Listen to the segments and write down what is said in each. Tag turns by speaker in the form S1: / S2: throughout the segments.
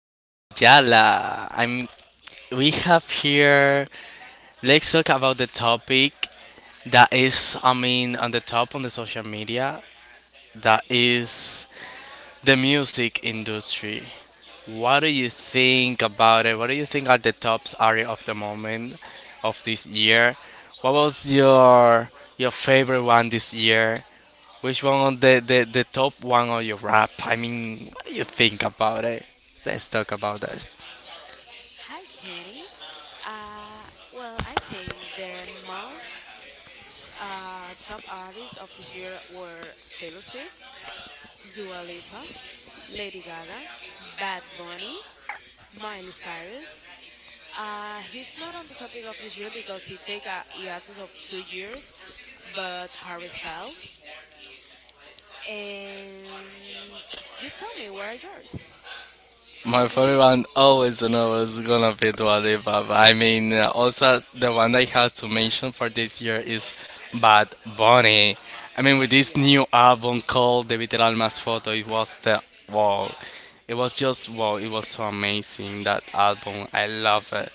S1: Ayala. I'm. We have here. Let's talk about the topic that is. On the top on the social media. That is the music industry. What do you think about it? What do you think are the tops area of the moment of this year? What was your favorite one this year? Which one on the top one of your rap? I mean, what do you think about it? Let's talk about that.
S2: Hi, Kenny. Uh, well, I think the most top artists of this year were Taylor Swift, Dua Lipa, Lady Gaga, Bad Bunny, Miley Cyrus. He's not on the topic of this year because he take a hiatus of 2 years, but Harry Styles. And you tell me, what are yours? What
S1: My
S2: do you
S1: favorite
S2: think?
S1: one always and always gonna be Dua Lipa. But also the one I have to mention for this year is Bad Bunny. I mean, with this
S2: Yeah,
S1: new album called David El Mas Photo, it was the wow. It was just wow. It was so amazing that album. I love it.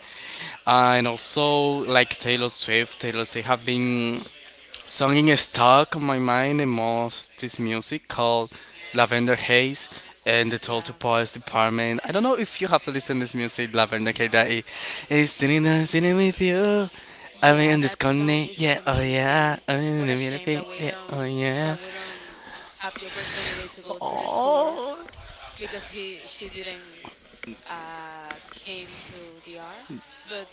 S1: And also like Taylor Swift, Taylor Swift have been song in stuck on my mind the most is music called Lavender Haze and the Total
S2: yeah,
S1: Poets Department. I don't know if you have listened to this music, Lavender Haze, that it's sitting down, sitting with you. I mean,
S2: yeah.
S1: I'm just
S2: That song
S1: gonna,
S2: is
S1: yeah, oh yeah,
S2: amazing.
S1: I mean, I'm in
S2: What
S1: the
S2: a shame
S1: middle,
S2: that we
S1: yeah, oh
S2: don't
S1: yeah.
S2: that we don't have the opportunity to go to the tour
S1: Oh.
S2: because he she didn't came to the R. But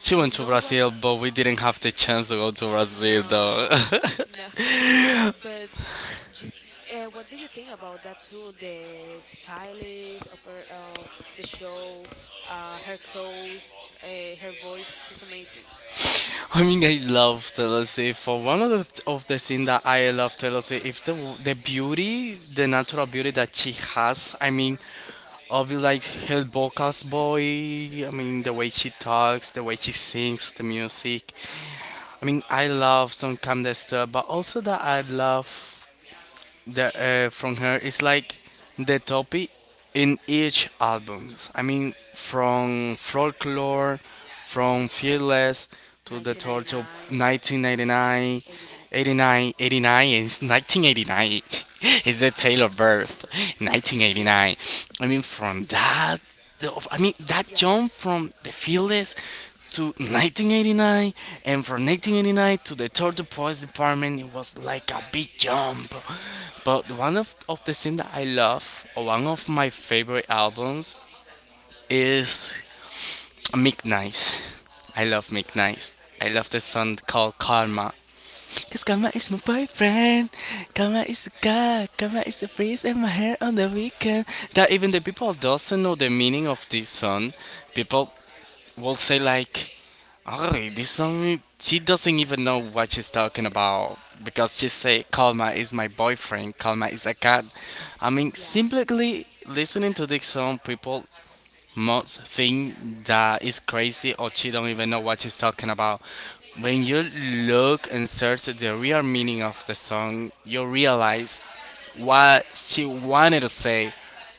S1: She
S2: you
S1: went to
S2: know what?
S1: Brazil, but we didn't have the chance to go to Brazil though.
S2: No, no. But. Do what do you think about that too? The stylish of her of the show, her clothes, her voice. She's amazing.
S1: I mean, I love Taylor Swift. For one of the things that I love Taylor Swift, if the the beauty, the natural beauty that she has. I mean, obviously like her vocals, boy. I mean, the way she talks, the way she sings, the music. I mean, I love some calm the stuff, but also that I love from her is like the topic in each album. I mean, from Folklore, from Fearless to the
S2: Nineteen ninety
S1: Torture
S2: nine,
S1: 1999,
S2: 89.
S1: 89, 89, 89, 89 is 1989. It's the
S2: It's
S1: tale of birth,
S2: yeah,
S1: 1989. I mean, from that, I mean, that
S2: yeah,
S1: jump from the Fearless to 1989, and from 1989 to the Torture Police Department, it was like a big jump. But one of the things that I love, or one of my favorite albums, is Midnight. I love Midnight. I love the song called Karma. Cause Karma is my boyfriend. Karma is the guy. Karma is the breeze in my hair on the weekend. That even the people doesn't know the meaning of this song, people will say like, oh, this song, she doesn't even know what she's talking about because she say Kalma is my boyfriend, Kalma is a cat. I mean,
S2: yeah,
S1: simply listening to this song, people most think that is crazy or she don't even know what she's talking about. When you look and search the real meaning of the song, you realize what she wanted to say,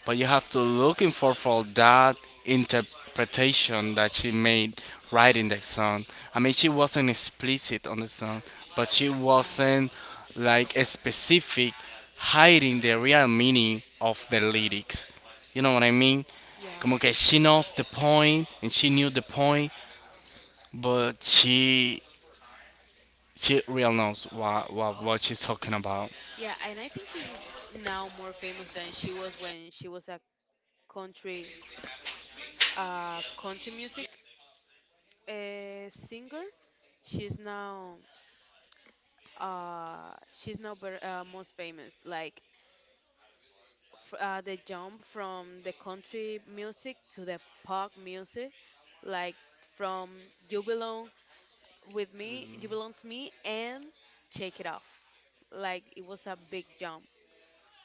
S1: but you have to looking for that interpretation that she made writing that song. I mean, she wasn't explicit on the song, but she
S2: yeah,
S1: wasn't like a specific hiding the real meaning of the lyrics. You know what I mean?
S2: yeah,
S1: Como que she knows the point and she knew the point, but she real knows what she's talking about.
S2: yeah. And I think she's now more famous than she was when she was a country, country music, singer. She's now, she's now most famous. Like the jump from the country music to the pop music, like from "You Belong with Me," "You Belong to Me," and "Shake It Off." Like it was a big jump.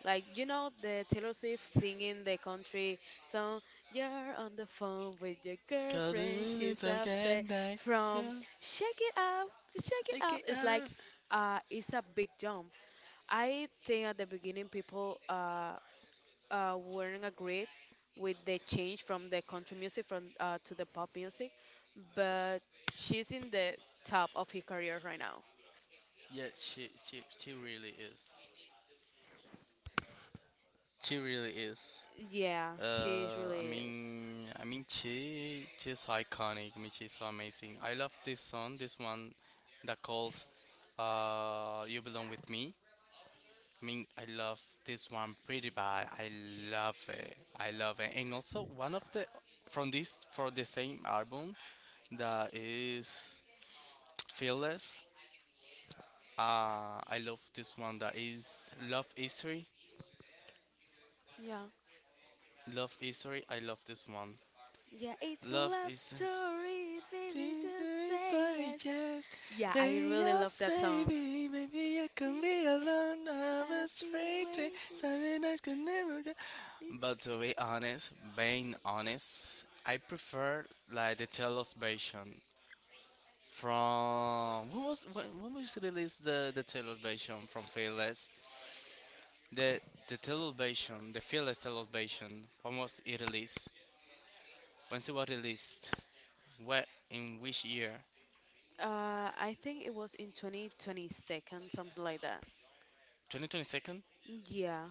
S2: Like you know the Taylor Swift singing the country song, "You're on the phone with your
S1: Cause the
S2: girlfriend,
S1: minutes
S2: she's
S1: are
S2: upset."
S1: getting night.
S2: From
S1: From
S2: "Shake It Off" to "Shake
S1: off.
S2: It Off,"
S1: It
S2: it's like
S1: off.
S2: it's a big jump. I think at the beginning people weren't agreed with the change from the country music from to the pop music, but she's in the top of her career right now.
S1: Yeah, she really is. She really is.
S2: Yeah, she really is.
S1: I mean, she is iconic. I mean, she's so amazing. I love this song. This one that calls "You Belong with Me." I mean, I love this one pretty bad. I love it. I love it. And also one of the from this for the same album that is Fearless. I love this one that is Love History.
S2: Yeah.
S1: Love History. I love this one.
S2: Yeah, it's a
S1: Love
S2: love
S1: is
S2: story, baby, just
S1: DJ
S2: say
S1: say
S2: yes.
S1: yes,
S2: Yeah, I
S1: baby
S2: really
S1: I'll
S2: love that
S1: save
S2: song.
S1: it, maybe I can be alone, I'm a
S2: I've been
S1: straight thing,
S2: waiting.
S1: something I can never get.
S2: this-
S1: But to be honest, being honest, I prefer like the Taylor's version from when was released the Taylor version from Fearless? The the Taylor version, the Fearless Taylor version. When was it released? When it was released? What in which year?
S2: I think it was in 2022nd, something like that.
S1: 2022?
S2: Yeah,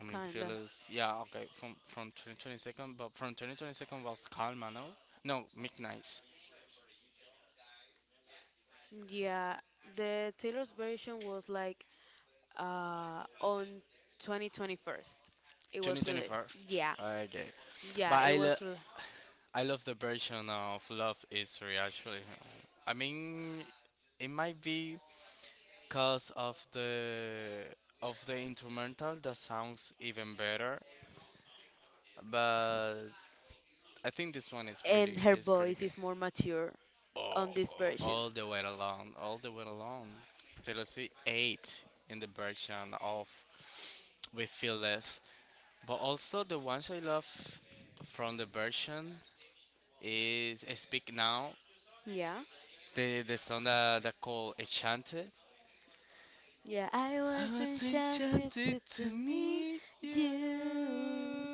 S1: I mean,
S2: kinda.
S1: Phyllis. Yeah, okay. From 2022nd, but from 2022nd was Carl Mano. No, Mick Nice.
S2: Yeah, the Taylor's version was like on 2021st. It was released.
S1: 2021st.
S2: Yeah.
S1: Okay, but
S2: Yeah, it was. Re-
S1: I love the version of Love Is Real. Actually, I mean, it might be cause of the instrumental that sounds even better, but I think this one is
S2: and
S1: pretty
S2: her
S1: is pretty
S2: voice
S1: good.
S2: is more mature
S1: Oh,
S2: on this version.
S1: all the way along, all the way along. Taylor Swift eight in the version of We Feel This, but also the ones I love from the version is Speak Now,
S2: Yeah.
S1: the song that that called Echante.
S2: Yeah, I
S1: I
S2: was
S1: was
S2: enchanted
S1: enchanted
S2: to,
S1: to
S2: to meet
S1: meet you.
S2: you.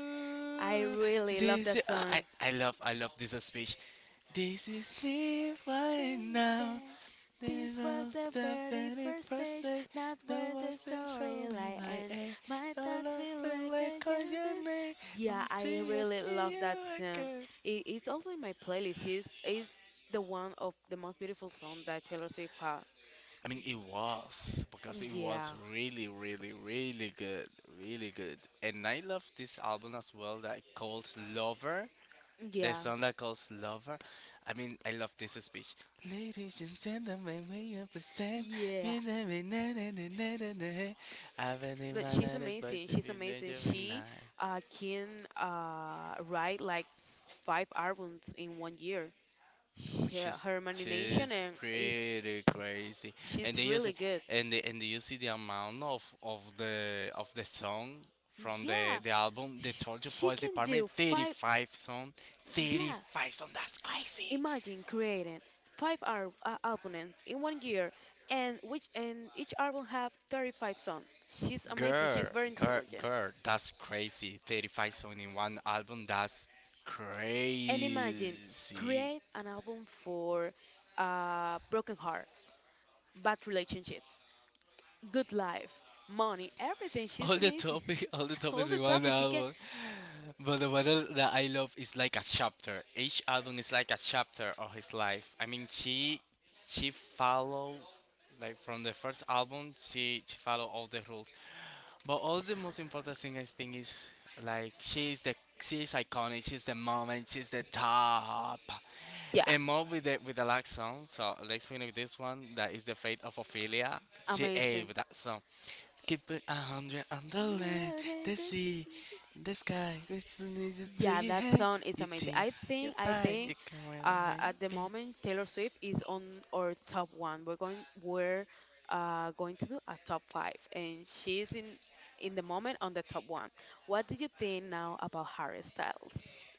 S2: I really love
S1: This
S2: that
S1: is
S2: song.
S1: I love this speech. This is me right
S2: Praying
S1: now.
S2: that
S1: There
S2: this was
S1: was
S2: the
S1: the
S2: very
S1: very
S2: first
S1: first
S2: page,
S1: day.
S2: not
S1: No
S2: where
S1: one
S2: the
S1: says only
S2: storyline
S1: my
S2: ends.
S1: A.
S2: My
S1: I
S2: thoughts
S1: love
S2: will
S1: you
S2: like
S1: like
S2: a
S1: all your
S2: journey.
S1: name
S2: Yeah, I
S1: until I
S2: really
S1: see
S2: love
S1: you
S2: that song.
S1: again.
S2: It's also in my playlist. It's the one of the most beautiful song that Taylor Swift had.
S1: I mean, it was because it was
S2: Yeah,
S1: really, really, really good, really good. And I love this album as well that called Lover. The
S2: yeah,
S1: song that calls Lover. I mean, I love this speech. Ladies and gentlemen, we understand.
S2: yeah.
S1: We never- na- na- na- na- na- na- I've been in
S2: But
S1: my
S2: she's
S1: night, it's by
S2: amazing.
S1: the
S2: She's
S1: village
S2: amazing.
S1: of
S2: She
S1: night.
S2: can write like five albums in one year.
S1: Oh,
S2: She,
S1: she's
S2: her imagination
S1: she's
S2: and is
S1: pretty crazy, and they
S2: she's
S1: use
S2: really
S1: it,
S2: good.
S1: and they, and you see the amount of the song from
S2: Yeah,
S1: the album, the Torture
S2: she
S1: Police
S2: can
S1: Department,
S2: do
S1: thirty
S2: five.
S1: five song, thirty
S2: Yeah,
S1: five song. That's crazy,
S2: imagine creating five albums in one year, and each album have 35 songs. She's amazing.
S1: girl,
S2: She's very
S1: girl,
S2: intelligent.
S1: girl. That's crazy. 35 song in one album. That's
S2: And imagine
S1: crazy.
S2: create an album for broken heart, bad relationships, good life, money, everything. She's
S1: All the
S2: amazing.
S1: topic, all the
S2: All
S1: topics
S2: the
S1: in one
S2: topics she can.
S1: album. But the weather that I love is like a chapter. Each album is like a chapter of his life. I mean, she follow like from the first album. She follow all the rules. But all the most important thing I think is like she's the she's iconic. She's the mom and she's the top.
S2: Yeah,
S1: And more with the last song. So let's finish with this one. That is the fate of Ophelia. She ate
S2: amazing.
S1: with that song. Keep it a hundred on the land, the sea, the sky. Which is to
S2: Yeah,
S1: you,
S2: that
S1: hey,
S2: song is
S1: your
S2: amazing.
S1: team,
S2: I
S1: your
S2: think I
S1: pie, you
S2: think
S1: can wear it how
S2: uh,
S1: you
S2: at the
S1: be.
S2: moment Taylor Swift is on our top one. We're going to do a top five, and she's in the moment on the top one. What do you think now about Harry Styles?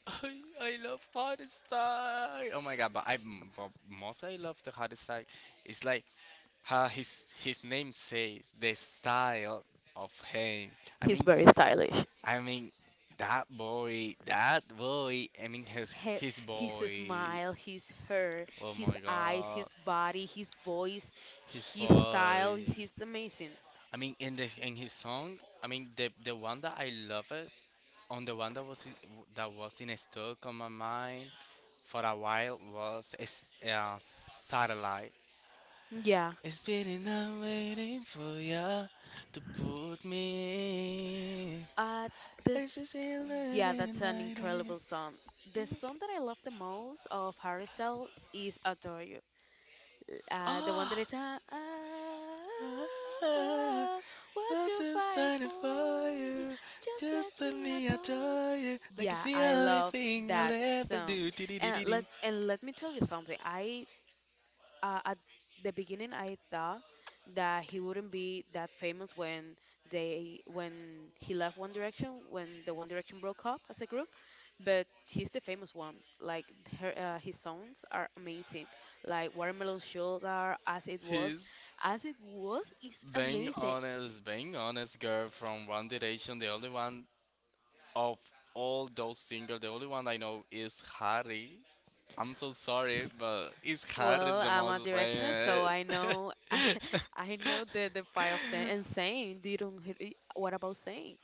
S1: I, I love hardest style. Oh my god, but I but most I love the hardest style. It's like how his name says the style of him. I
S2: He's
S1: mean,
S2: very stylish.
S1: I mean, that boy, that boy. I mean
S2: Her,
S1: his
S2: his smile,
S1: voice.
S2: his hair,
S1: Oh
S2: his
S1: my
S2: eyes, his
S1: god,
S2: body, his voice,
S1: his
S2: his style. He's
S1: voice.
S2: amazing.
S1: I mean in the in his song. I mean the one that I love it on the one that was in stuck on my mind for a while was satellite.
S2: Yeah.
S1: It's been enough waiting for ya to put me in.
S2: Uh, this,
S1: This is
S2: yeah, that's
S1: eleven
S2: an
S1: ninety.
S2: incredible song. The song that I love the most of Harry Styles is "Adore You." The one
S1: Oh,
S2: that is ah,
S1: ah,
S2: ah, what
S1: was
S2: you fight
S1: excited
S2: for,
S1: for
S2: you
S1: you.
S2: just let
S1: Just let
S2: me
S1: me
S2: adore.
S1: adore you. Like it's
S2: Yeah,
S1: the
S2: I
S1: only
S2: love
S1: thing I'll
S2: that
S1: ever
S2: song.
S1: do.
S2: And
S1: Dee-dee-dee-dee-ding.
S2: let and let me tell you something. I at the beginning I thought that he wouldn't be that famous when they when he left One Direction when the One Direction broke up as a group, but he's the famous one. Like his songs are amazing. Like Watermelon Sugar, As It Was,
S1: He's
S2: As It Was is amazing.
S1: being honest girl from One Direction, the only one of all those singers, the only one I know is Harry. I'm so sorry, but is Harry
S2: Well,
S1: the
S2: I'm a
S1: most
S2: directioner, so
S1: famous?
S2: I know I know the part of the and saying Do you don't hear, what about saying,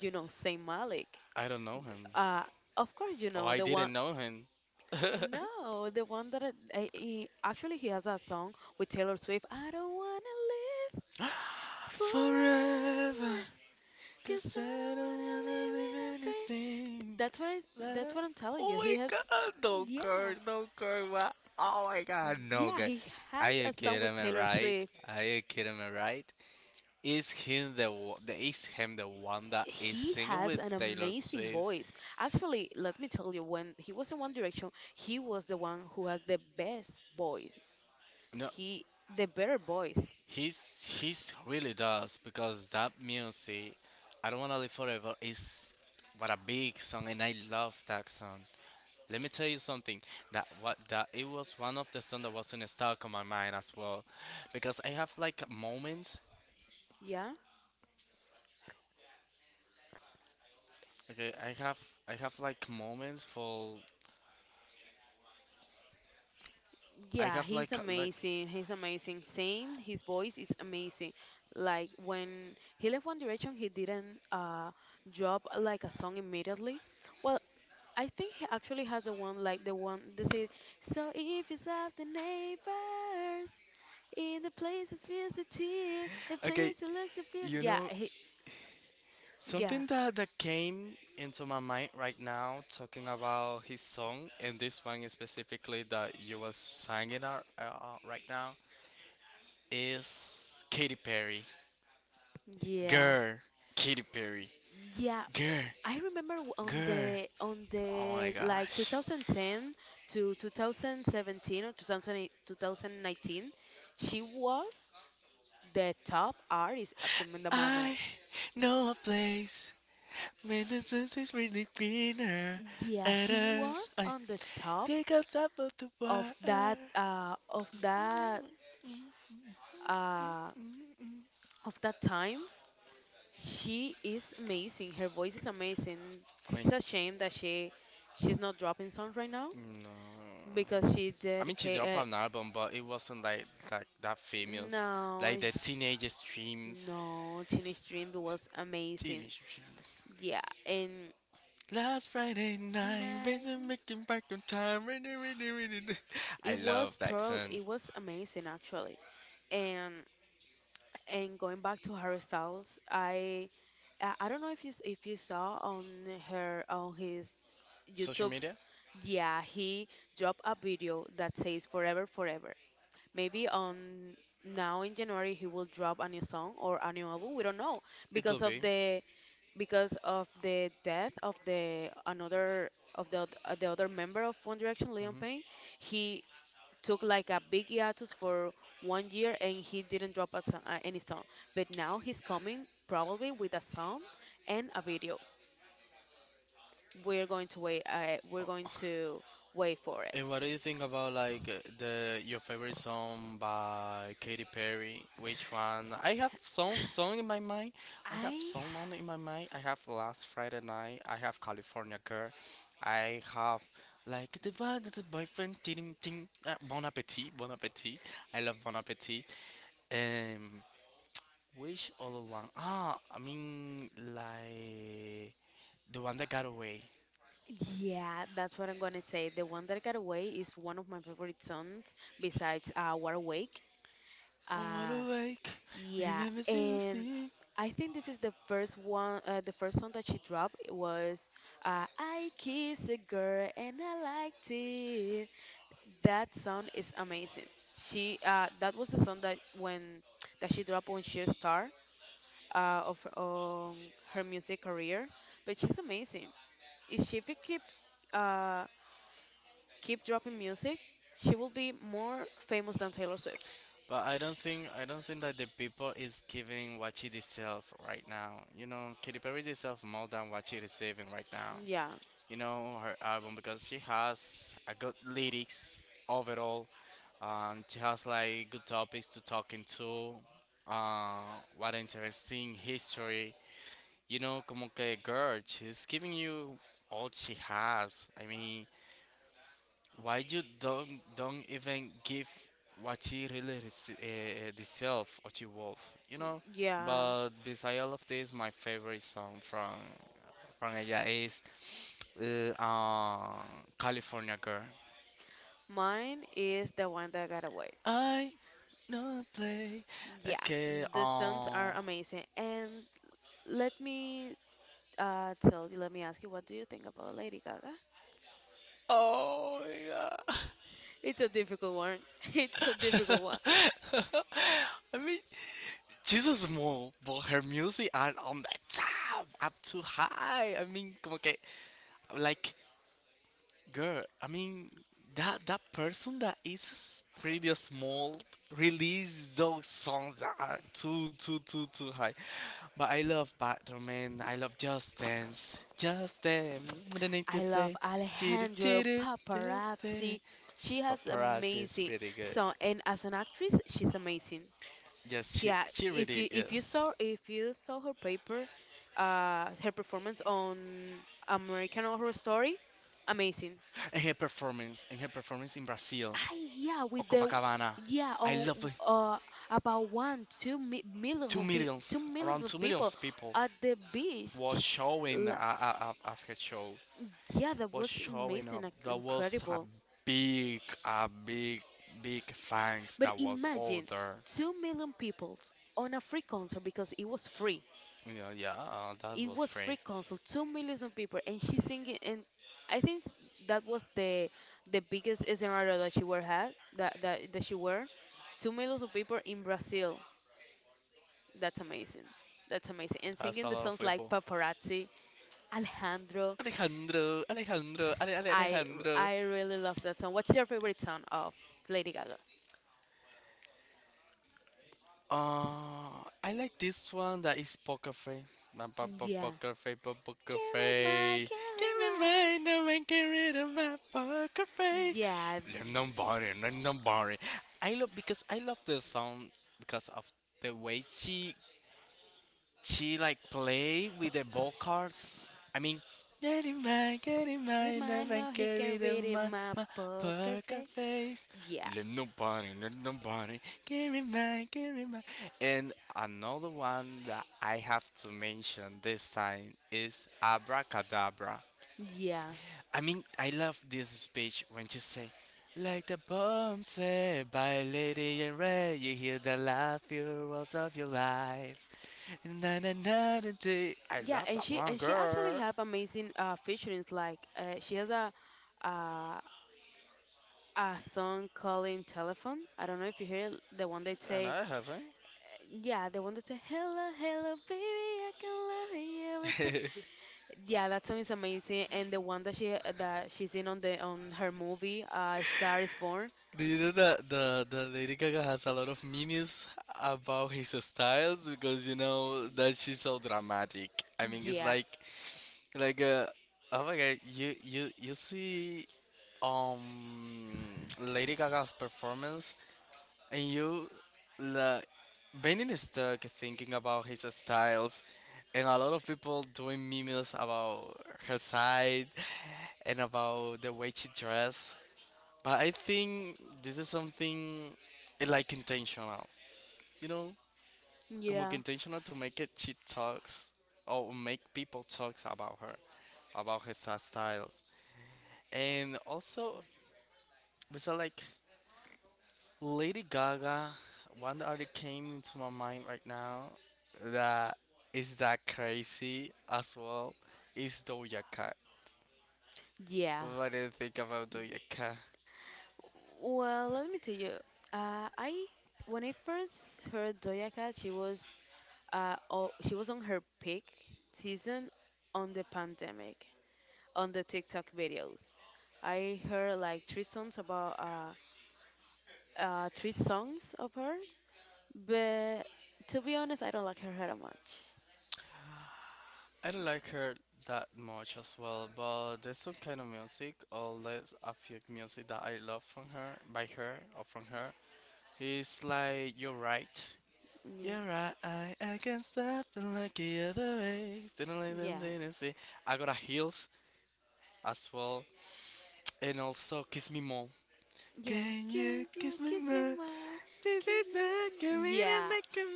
S2: you know, Saint Malik.
S1: I don't know him.
S2: Uh, of course, you
S1: Oh,
S2: know
S1: I
S2: the one.
S1: didn't know him.
S2: No, the one that he actually he has a song with Taylor Swift. I don't wanna live
S1: Forever,
S2: forever, 'cause
S1: cause
S2: I
S1: I
S2: don't
S1: don't
S2: wanna
S1: wanna
S2: live
S1: leave
S2: in a pain.
S1: anything.
S2: That's what I,
S1: That I...
S2: that's what I'm telling you.
S1: Oh my god, no
S2: Yeah,
S1: girl, no girl, what? Oh my god, no
S2: yeah,
S1: girl.
S2: he
S1: Are
S2: has
S1: you
S2: a song with
S1: kidding me,
S2: Taylor
S1: right?
S2: Swift.
S1: Are you kidding me, right? Is him the the is him the one that is
S2: He
S1: singing
S2: has
S1: with
S2: an
S1: Taylor
S2: amazing
S1: Swift?
S2: voice. Actually, let me tell you, when he was in One Direction, he was the one who has the best voice.
S1: No,
S2: He, the better voice.
S1: he's really does because that music, I don't wanna live forever is what a big song and I love that song. Let me tell you something that what that it was one of the songs that wasn't stuck on my mind as well, because I have like moments.
S2: Yeah?
S1: Okay, I have like moments for I
S2: Yeah,
S1: have
S2: he's
S1: like
S2: amazing. He's amazing. His voice is amazing. Like when he left One Direction, he didn't drop like a song immediately. Well, I think he actually has the one like the one they say, so if you saw the neighbors in the places feels a tear, the
S1: okay,
S2: place you look to feel.
S1: you
S2: Yeah,
S1: know
S2: yeah,
S1: something that, that came into my mind right now talking about his song and this one specifically that you was singing out, right now is Katy Perry.
S2: yeah,
S1: Girl, Katy Perry.
S2: yeah.
S1: Girl,
S2: I remember on
S1: girl.
S2: the
S1: Oh my
S2: like
S1: gosh.
S2: 2010 to 2017 or 2008 2019, she was the top artist in the moment.
S1: I know a place where the sun is really greener.
S2: Yeah, she
S1: Others.
S2: was
S1: I
S2: on the top
S1: think on top of the
S2: of
S1: world.
S2: that
S1: I
S2: uh, of that uh, of that time. She is amazing. Her voice is amazing. It's
S1: mean,
S2: a shame that she's not dropping songs right now
S1: no.
S2: because she
S1: I mean, she
S2: dedicate.
S1: dropped
S2: Uh,
S1: an album, but it wasn't like that famous,
S2: no,
S1: like the teenage dreams.
S2: No, Teenage Dream was amazing.
S1: Teenage dreams.
S2: Yeah, and
S1: Last Friday
S2: and
S1: night,
S2: I,
S1: been making back on time. I
S2: it
S1: love
S2: was
S1: that
S2: total,
S1: song.
S2: it was amazing actually. And and going back to Harry Styles, I don't know if you saw on her on his
S1: Social
S2: YouTube,
S1: media,
S2: yeah, he dropped a video that says Forever Forever. Maybe on now in January he will drop a new song or a new album. We don't know
S1: it
S2: because
S1: could be.
S2: of the death of the another of the oth- the other member of One Direction, Leon Payne. He took like a big hiatus for one year and he didn't drop any song. But now he's coming probably with a song and a video. We're going to wait. We're going to wait for it.
S1: And what do you think about like the your favorite song by Katy Perry? Which one? I have some song in my mind. I have
S2: I
S1: someone in my mind. I have Last Friday Night. I have California Girl. I have like the one that the boyfriend. Ting ting. Bon appetit. Bon appetit. I love Bon appetit. Um, which other one? Ah, I mean like the one that got away.
S2: yeah, that's what I'm gonna say. The one that got away is one of my favorite songs besides "Wide Awake."
S1: Oh, what
S2: Uh,
S1: a wake! And
S2: yeah,
S1: I miss you.
S2: and I think this is the first song that she dropped. It was I Kiss a Girl and I Liked It. That song is amazing. She that was the song that when that she dropped on Sheer Star of her music career. But she's amazing. If she uh, keep dropping music, she will be more famous than Taylor Swift.
S1: But I don't think that the people is giving what she deserves right now. You know, Katy Perry deserves more than what she receiving right now.
S2: Yeah,
S1: You know, her album, because she has a good lyrics overall. She has like good topics to talk into. Uh, what interesting history. You know, como que girl, she's giving you all she has. I mean, why you don't even give what she really deserve, what she worth, you know?
S2: yeah.
S1: But beside all of this, my favorite song from ella is uh, um, California Girl.
S2: Mine is the one that got away.
S1: I know I play
S2: Yeah,
S1: okay.
S2: the sounds are
S1: Oh,
S2: amazing. And let me tell you, let me ask you, what do you think about Lady Gaga?
S1: oh my God.
S2: It's a difficult one. It's a difficult one.
S1: I mean, she's so small, but her music are on the top, up too high. I mean, como que, like Girl, I mean that person that is pretty small release those songs that are too high. But I love Batman. I love Just Dance. Just Dance. What an
S2: I
S1: could
S2: love
S1: say. Tidu
S2: Alejandro
S1: tidu. Just Dance.
S2: Paparazzi. She has
S1: Paparazzi is
S2: amazing
S1: pretty good.
S2: song, and as an actress, she's amazing.
S1: Yes, she
S2: Yeah,
S1: she really is.
S2: if you saw her performance on American Horror Story, amazing.
S1: And her performance in Brazil,
S2: I yeah
S1: or
S2: with the
S1: Copacabana.
S2: yeah
S1: I
S2: on
S1: love it.
S2: uh about one two mi millions
S1: Two
S2: of pe two
S1: millions,
S2: millions
S1: around two
S2: of people
S1: millions people
S2: at the beach.
S1: was showing
S2: L-
S1: a after show,
S2: Yeah, that
S1: was
S2: was
S1: showing
S2: amazing,
S1: up.
S2: like,
S1: There was
S2: incredible.
S1: a big, big fans
S2: But
S1: that was all
S2: imagine
S1: there.
S2: 2 million people on a free concert because it was free.
S1: You know, yeah, that
S2: It
S1: was
S2: was
S1: free.
S2: free concert, 2 millions of people, and she's singing. And I think that was the biggest scenario that she were had that that that she were 2 millions of people in Brazil. That's amazing. That's amazing. And
S1: That's
S2: singing
S1: a
S2: the
S1: lot of
S2: songs like
S1: people.
S2: Paparazzi, Alejandro,
S1: Alejandro, Alejandro,
S2: I
S1: Alejandro.
S2: I really love that song. What's your favorite song of Lady Gaga?
S1: I like this one that is Poker Face.
S2: Yeah.
S1: Poker Face, Poker
S2: Can't read my,
S1: Face.
S2: can't
S1: Give
S2: read
S1: me
S2: my.
S1: mine, no man get rid of my poker face.
S2: Yeah.
S1: Let nobody, let nobody. I love because I love the song because of the way she like play with the ball cards. I mean, get in
S2: Read
S1: my,
S2: my,
S1: never
S2: no, he can
S1: carry the
S2: read in
S1: my,
S2: my
S1: my
S2: poker
S1: poker
S2: face.
S1: face.
S2: Yeah.
S1: Let nobody, carry my, carry my. And another one that I have to mention this time is Abracadabra.
S2: Yeah.
S1: I mean, I love this speech when she say, like the poem said by Lady in Red, you hear the laugh, heroes of your life. Na na na na na. I
S2: Yeah,
S1: love
S2: and
S1: that
S2: she
S1: one,
S2: and she actually
S1: girl.
S2: have amazing featurings like she has uh a song calling telephone. I don't know if you hear it, the one they
S1: And
S2: say.
S1: I haven't.
S2: Yeah, the one that said, Hello, hello, baby, I can love you, everything. Yeah, that song is amazing. And the one that she's in on her movie, Star is Born.
S1: Do you know that the Lady Gaga has a lot of memes about his styles, because you know that she's so dramatic. I mean, it's
S2: Yeah,
S1: like, oh my God, you you see, Lady Gaga's performance, and you, like, being is stuck thinking about his styles, and a lot of people doing memes about her side and about the way she dress. But I think this is something like intentional, you know, como que
S2: yeah,
S1: intentional to make it she talks or make people talks about her styles. And also, was that like Lady Gaga? One artist came into my mind right now that is that crazy as well is Doja Cat.
S2: yeah.
S1: What do you think about Doja Cat?
S2: Well, let me tell you, I when I first heard Doja Cat, she was on her peak season on the pandemic, on the TikTok videos. I heard like three songs of her. But to be honest, I don't like her hair that much.
S1: I don't like her that much as well, but there's some kind of music, or there's a few music that I love from her, by her, or from her. It's like You're Right.
S2: Yeah.
S1: You're right, I can't stop and like the other way. Didn't like them,
S2: Yeah.
S1: didn't see. I got a heels as well, and also kiss me more.
S2: Yeah.
S1: Can you
S2: Kiss you,
S1: kiss me
S2: kiss me
S1: more?
S2: more.
S1: This
S2: Kiss
S1: is a
S2: me.
S1: comedian
S2: Yeah.
S1: that can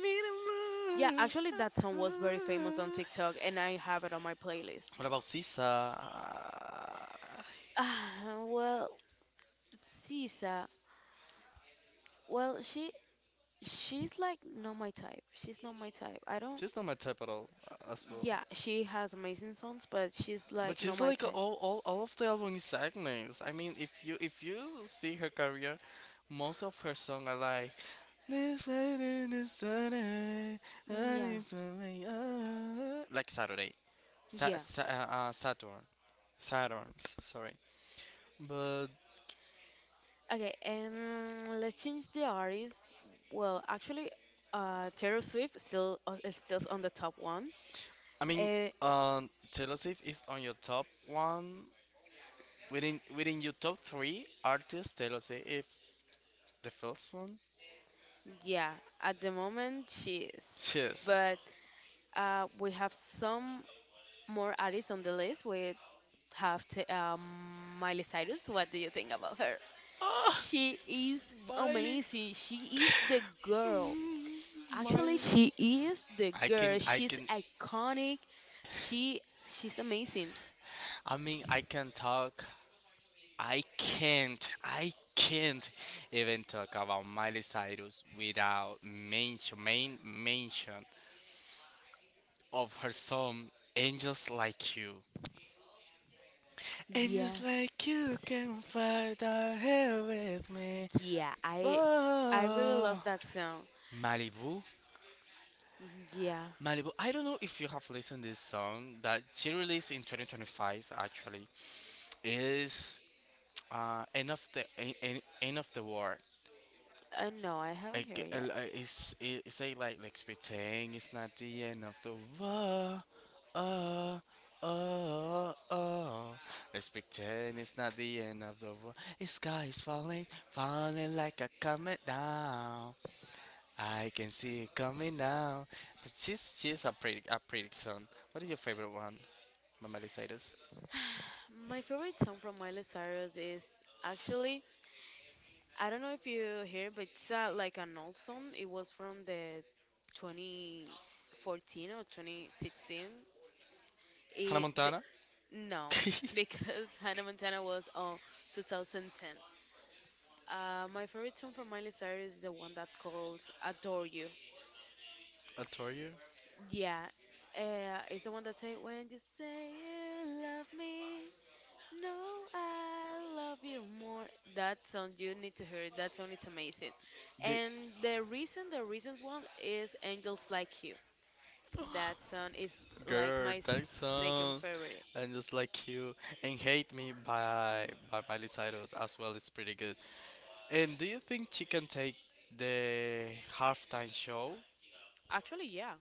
S2: Yeah,
S1: mean more.
S2: actually that song was very famous on TikTok and I have it on my playlist.
S1: What about Sisa?
S2: Ah, well, Sisa. Well, she's like not my type. She's not my type. I don't.
S1: She's not my type at all, as well.
S2: Yeah, she has amazing songs, but she's
S1: But
S2: like not
S1: she's
S2: my
S1: like
S2: type.
S1: all of the album is Agnes. I mean, if you see her career, most of her songs are like this wedding is Saturday,
S2: Mm,
S1: and
S2: yeah,
S1: it's a way, like Saturday,
S2: yeah.
S1: Saturn, Saturns. Sorry, but
S2: Okay, and let's change the artist. Well, actually, Taylor Swift still is still on the top one.
S1: I mean,
S2: Uh,
S1: Taylor Swift is on your top one within your top three artists. Taylor Swift, the first one.
S2: yeah, at the moment she is,
S1: Yes.
S2: but we have some more artists on the list. We have Miley Cyrus. What do you think about her?
S1: Ah,
S2: She is
S1: Miley,
S2: amazing. She is the girl. Actually,
S1: Miley.
S2: she is the
S1: I
S2: girl.
S1: can, I
S2: She's
S1: can,
S2: iconic. She's amazing.
S1: I mean, I can talk. I can't even talk about Miley Cyrus without mention, main mention of her song "Angels Like You." Angels
S2: Yeah.
S1: like you can fly the hell with me.
S2: Yeah, I really love
S1: Whoa.
S2: that song.
S1: Malibu,
S2: Yeah,
S1: Malibu. I don't know if you have listened this song that she released in 2025. Actually, is end of the end of the war.
S2: no, I haven't heard it yet.
S1: Like, it's like pretend it's not the end of the world. Uh, uh, uh. Let's pretend it's not the end of the world. The sky is falling, falling like a comet down. I can see it coming down. But she's a pretty song. What is your favorite one, by Miley Cyrus?
S2: My favorite song from Miley Cyrus is actually I don't know if you hear, but it's like an old song. It was from the 2014 or 2016.
S1: Hannah
S2: It the,
S1: Montana.
S2: no, because Hannah Montana was on 2010. My favorite song from Miley Cyrus is the one that calls "Adore You."
S1: I told you.
S2: Yeah, it's the one that say when you say you love me, no, I love you more. That song you need to hear it. That song is amazing.
S1: The,
S2: And the reason, the reasons one is Angels Like You. That song is like
S1: Girl,
S2: my
S1: that
S2: second
S1: song.
S2: favorite.
S1: And just like you. And Hate Me by Miley Cyrus as well is pretty good. And do you think she can take the halftime show?
S2: Actually, yeah,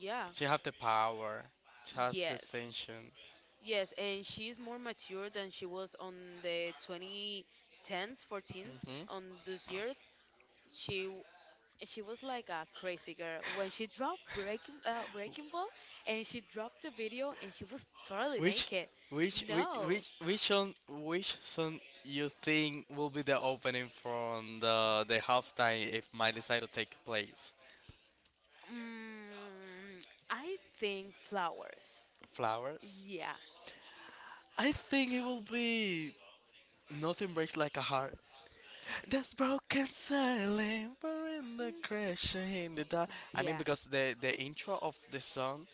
S2: yeah,
S1: She have the power. She has the
S2: yes,
S1: ascension.
S2: yes. And she's more mature than she was on the 2010s, 14s
S1: Hmm.
S2: on those years. She she was like a crazy girl when she dropped breaking breaking ball, and she dropped the video and she was totally
S1: Which
S2: naked.
S1: which which
S2: No,
S1: which which song, which song you think will be the opening from the halftime if Miley Cyrus take place?
S2: mm, I think flowers.
S1: Flowers?
S2: Yeah,
S1: I think it will be Nothing Breaks Like a Heart. This broken silent, we're in the crash in the dark. I mean,
S2: yeah,
S1: because the intro of the song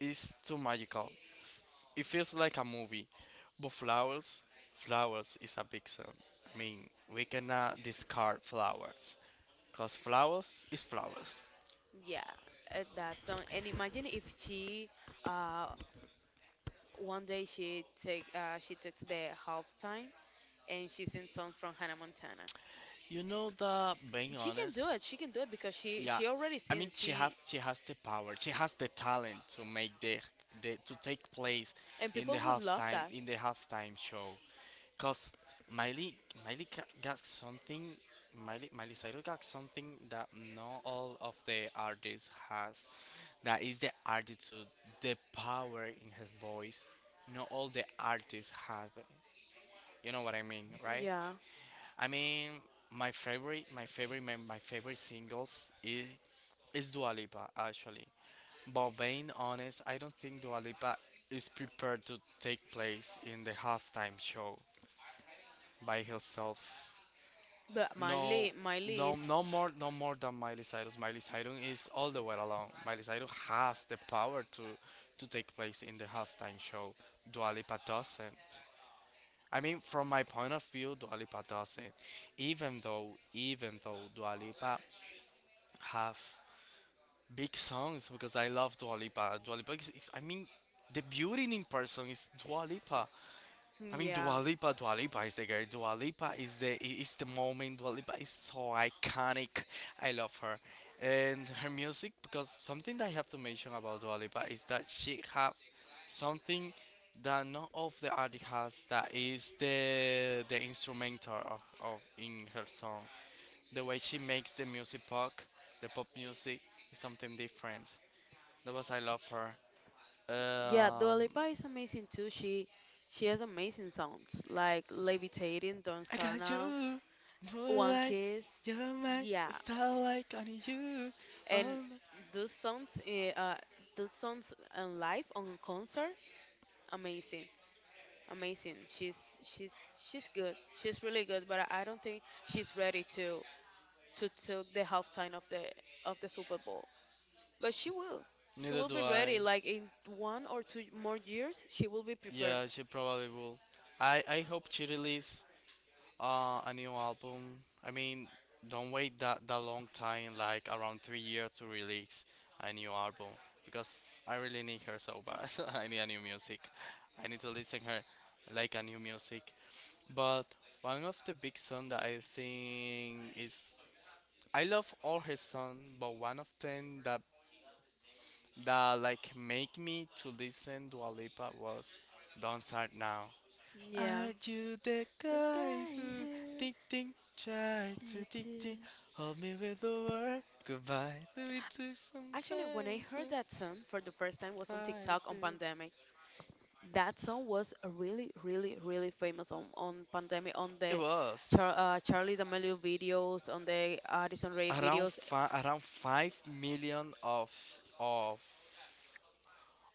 S1: is too magical. It feels like a movie. But flowers, flowers is a big song. I mean, we cannot discard flowers, cause flowers is flowers.
S2: yeah, that song. And imagine if she uh one day she take she took the halftime, and she sings songs from Hannah Montana.
S1: You know that being
S2: She can do it,
S1: honest,
S2: she can do it, because
S1: yeah,
S2: she already
S1: I mean
S2: sings she
S1: she has the power. She has the talent to make the to take place
S2: and
S1: in the
S2: people would love
S1: halftime,
S2: that.
S1: in the halftime show. Cause Miley got something. Miley Miley Cyrus got something that not all of the artists has. That is the attitude, the power in his voice. Not all the artists have it. You know what I mean, right?
S2: Yeah.
S1: I mean, my favorite singles is Dua Lipa actually. But being honest, I don't think Dua Lipa is prepared to take place in the halftime show by herself.
S2: But
S1: No,
S2: Miley, Miley is,
S1: no more than Miley Cyrus. Miley Cyrus is all the way along. Miley Cyrus has the power to take place in the halftime show. Dua Lipa doesn't. I mean, from my point of view, Dua Lipa doesn't. Even though Dua Lipa have big songs, because I love Dua Lipa. I mean, the beauty in person is Dua Lipa. I mean,
S2: yeah,
S1: Dua Lipa is the girl. Dua Lipa is the I- is the moment. Dua Lipa is so iconic. I love her and her music, because something that I have to mention about Dua Lipa is that she have something that none of the artist has. That is the instrumental of in her song. The way she makes the music pop, the pop music is something different. That was I love her.
S2: yeah. Dua
S1: Um,
S2: Lipa is amazing too. She has amazing songs like "Levitating," "Don't
S1: I
S2: Start
S1: got
S2: Now,"
S1: you,
S2: "One
S1: moonlight,
S2: Kiss."
S1: you're my
S2: Yeah,
S1: starlight, I need you.
S2: and
S1: Oh my.
S2: those songs, those songs on live on concert, amazing, amazing. She's she's good. She's really good, but I don't think she's ready to took the halftime of the Super Bowl. But she will. She
S1: Neither
S2: will
S1: do
S2: be ready.
S1: I.
S2: Like in one or two more years, she will be prepared.
S1: Yeah, she probably will. I hope she release a new album. I mean, don't wait that long time, like around 3 years to release a new album because I really need her so bad. I need a new music. I need to listen her like a new music. But one of the big song that I think is, I love all his songs, but one of them that that like make me to listen to Alipa was "Don't Start Now."
S2: Yeah.
S1: Are you the
S2: The
S1: guy
S2: guy
S1: who
S2: who
S1: ding ding tried to ding ding
S2: dated.
S1: hold me with the word goodbye? Do it took some
S2: Actually, when I
S1: time to
S2: heard that song for the first time was on
S1: fight
S2: TikTok on
S1: through.
S2: Pandemic. That song was a really, really, really famous on Pandemic, on
S1: It
S2: the
S1: was
S2: Charlie D'Amelio videos, on the Addison Rae
S1: around
S2: videos.
S1: around 5 million of of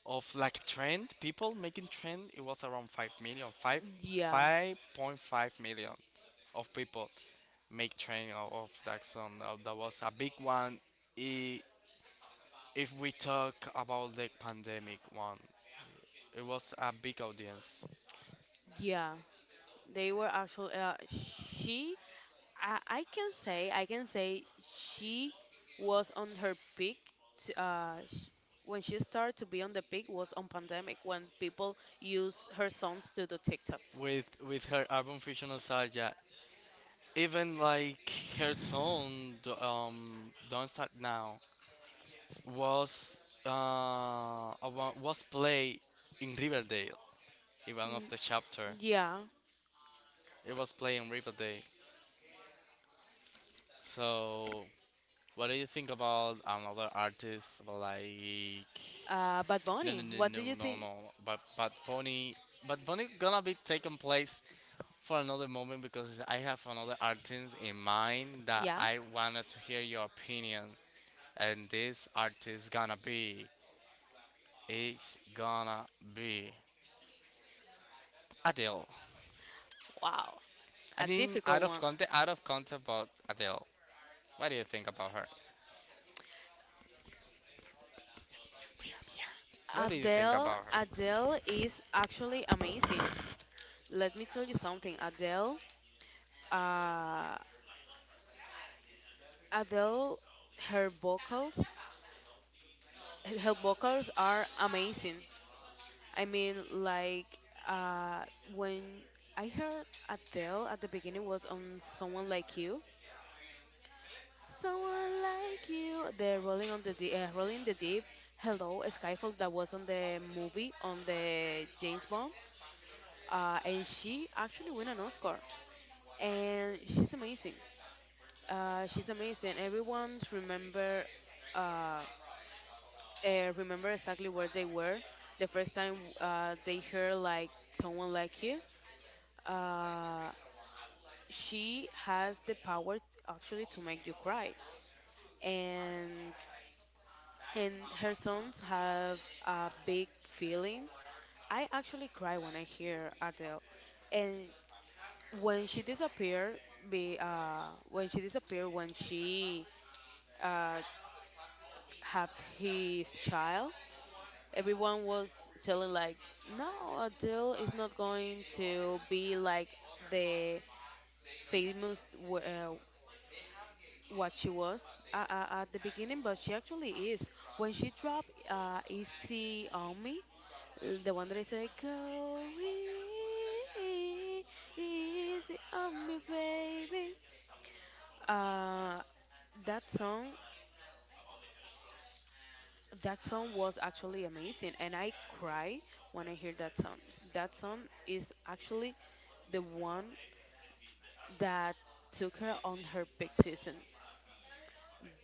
S1: like trend people making trend, it was around 5 million, five, million
S2: Yeah,
S1: 5 5.5 million of people make trend of that song. Now, that was a big one. I- if we talk about the pandemic one, it was a big audience
S2: yeah. They were actually, she I can say she was on her peak t sh when she started to be on the peak was on pandemic when people use her songs to do TikToks.
S1: with her album Fusion Nostalgia, even like her song Don't Start Now was was played in Riverdale in one of
S2: Mm,
S1: the chapter.
S2: yeah.
S1: It was playing River Day. So, what do you think about another artist, about like
S2: Bad
S1: no no
S2: Bunny,
S1: no
S2: what
S1: no
S2: do you
S1: no
S2: think?
S1: no, but but Pony, but Pony gonna be taking place for another moment, because I have another artist in mind that
S2: Yeah.
S1: I wanted to hear your opinion, and this artist gonna be, it's gonna be Adele.
S2: Wow.
S1: I
S2: A
S1: mean,
S2: difficult one.
S1: out of content, but Adele. What do you think about her? What do you think
S2: Adele,
S1: about her?
S2: Adele is actually amazing. Let me tell you something. Adele, uh, Adele, her vocals, her vocals are amazing. I mean, like when I heard Adele at the beginning was on "Someone Like You," "Someone Like You," the "Rolling on the Deep," "Rolling in the Deep," "Hello," "Skyfall" that was on the movie on the James Bond, and she actually won an Oscar, and she's amazing. She's amazing. Everyone remember uh, remember exactly where they were the first time they heard like "Someone Like You." Uh, she has the power actually to make you cry and and her songs have a big feeling. I actually cry when I hear Adele. And when she disappeared, be when she disappeared, when she uh had his child, everyone was telling like, no, Adele is not going to be like the famous what she was at the beginning, but she actually is. When she dropped Easy on Me, the one that is like, go easy on me, baby. Uh, that song. That song was actually amazing, and I cry when I hear that song. That song is actually the one that took her on her peak season.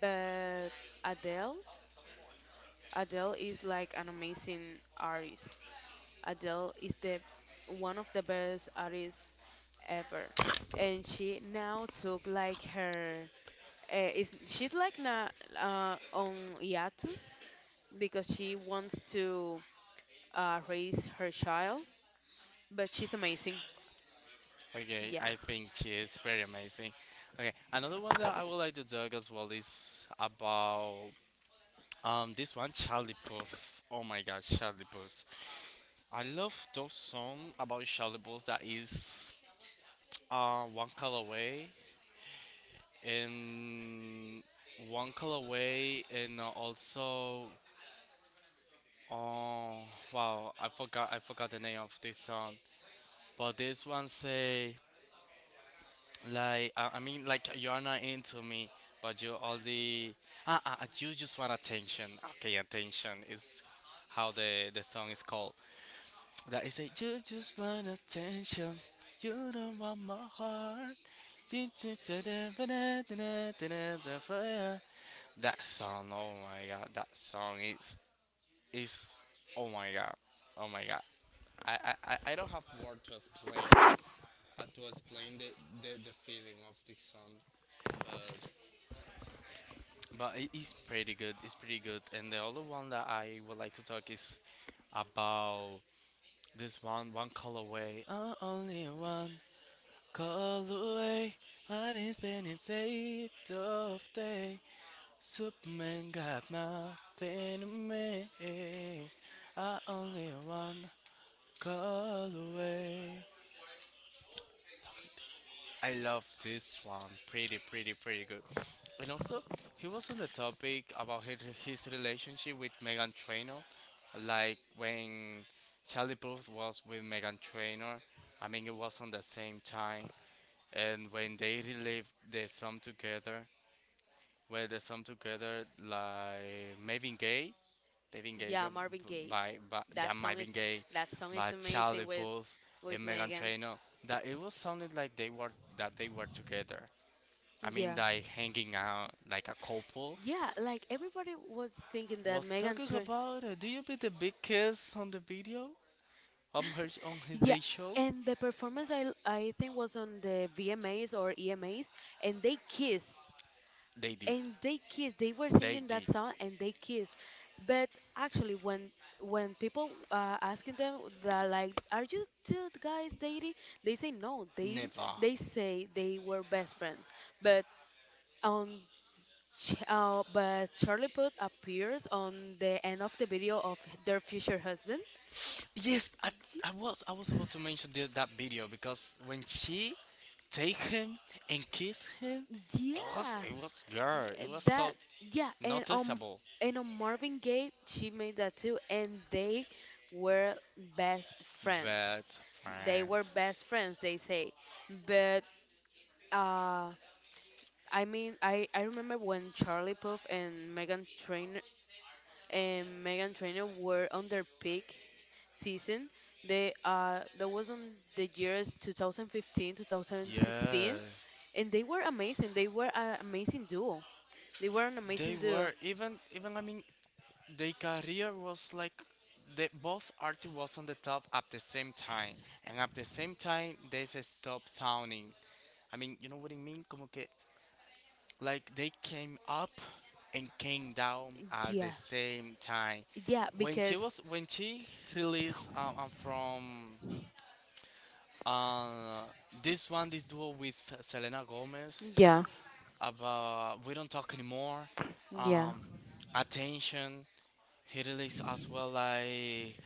S2: But Adele, Adele is like an amazing artist. Adele is the one of the best artists ever, and she now took like her is she's like na on hiatus because she wants to raise her child, but she's amazing.
S1: Okay,
S2: Yeah,
S1: I think she is very amazing. Okay, another one that I would like to talk as well is about this one Charlie Puth. Oh my God, Charlie Puth. I love those song about Charlie Puth that is one color away and one color away and also oh wow, I forgot the name of this song, but this one say, like I mean, like you're not into me, but you all the ah, you just want attention. Okay, attention is how the song is called. That is like you just want attention. You don't want my heart. That song, oh my god, that song is, oh my god, oh my god. I don't have word to explain at was playing the feeling of the song, but But it is pretty good. It's pretty good. And the other one that I would like to talk is about this one, one call away. Oh, only one call away. What infinite saved of day. Superman got nothing to me. I only one call away. I love this one. Pretty, pretty, pretty good. And also, he was on the topic about his relationship with Megan Trainor, like when Charlie Puth was with Megan Trainor. I mean, it was on the same time, and when they relived the song together, where the song together, like Marvin Gaye
S2: yeah,
S1: got
S2: Marvin
S1: b-
S2: Gaye.
S1: by, by yeah,
S2: That song is
S1: Marvin Gaye,
S2: that song
S1: by
S2: is
S1: Charlie
S2: amazing
S1: Puth
S2: with
S1: and Megan
S2: Megan.
S1: Trainor, that it was sounded like they were that they were together. I mean,
S2: Yeah,
S1: like hanging out like a couple.
S2: yeah, like everybody was thinking that
S1: Was
S2: Megan.
S1: talking about do you be the big kiss on the video on his
S2: Yeah,
S1: day show?
S2: and the performance I think was on the VMAs or EMAs, and they kissed,
S1: They did.
S2: and they kissed. They were
S1: They
S2: singing that
S1: did.
S2: song and they kissed. But actually, when people asking them that like, are you two guys dating? They say no.
S1: Never.
S2: They say they were best friends. But on but Charlie Puth appears on the end of the video of their future husband.
S1: Yes, I,
S2: Y-
S1: I was I was about to mention that video because when she take him and kiss him, it was
S2: Yeah.
S1: it was girl. It was
S2: That
S1: so
S2: Yeah, and
S1: noticeable.
S2: and on Marvin Gaye, she made that too, and they were best friends.
S1: Best
S2: They
S1: friend.
S2: were best friends, they say. But uh I mean I remember when Charlie Puth and Megan Trainor were on their peak season. They That was on the years 2015, 2016,
S1: Yeah,
S2: and they were amazing. They were an amazing duo. They were an amazing
S1: they
S2: duo.
S1: were even I mean their career was like they both artists was on the top at the same time, and at the same time they se stopped sounding. I mean, you know what I mean? Como que like they came up and came down at the
S2: Yeah.
S1: same time.
S2: Yeah,
S1: When she
S2: because
S1: was when she released from uh this duo with Selena Gomez
S2: yeah,
S1: about we don't talk anymore,
S2: yeah.
S1: um attention, he released as well, like,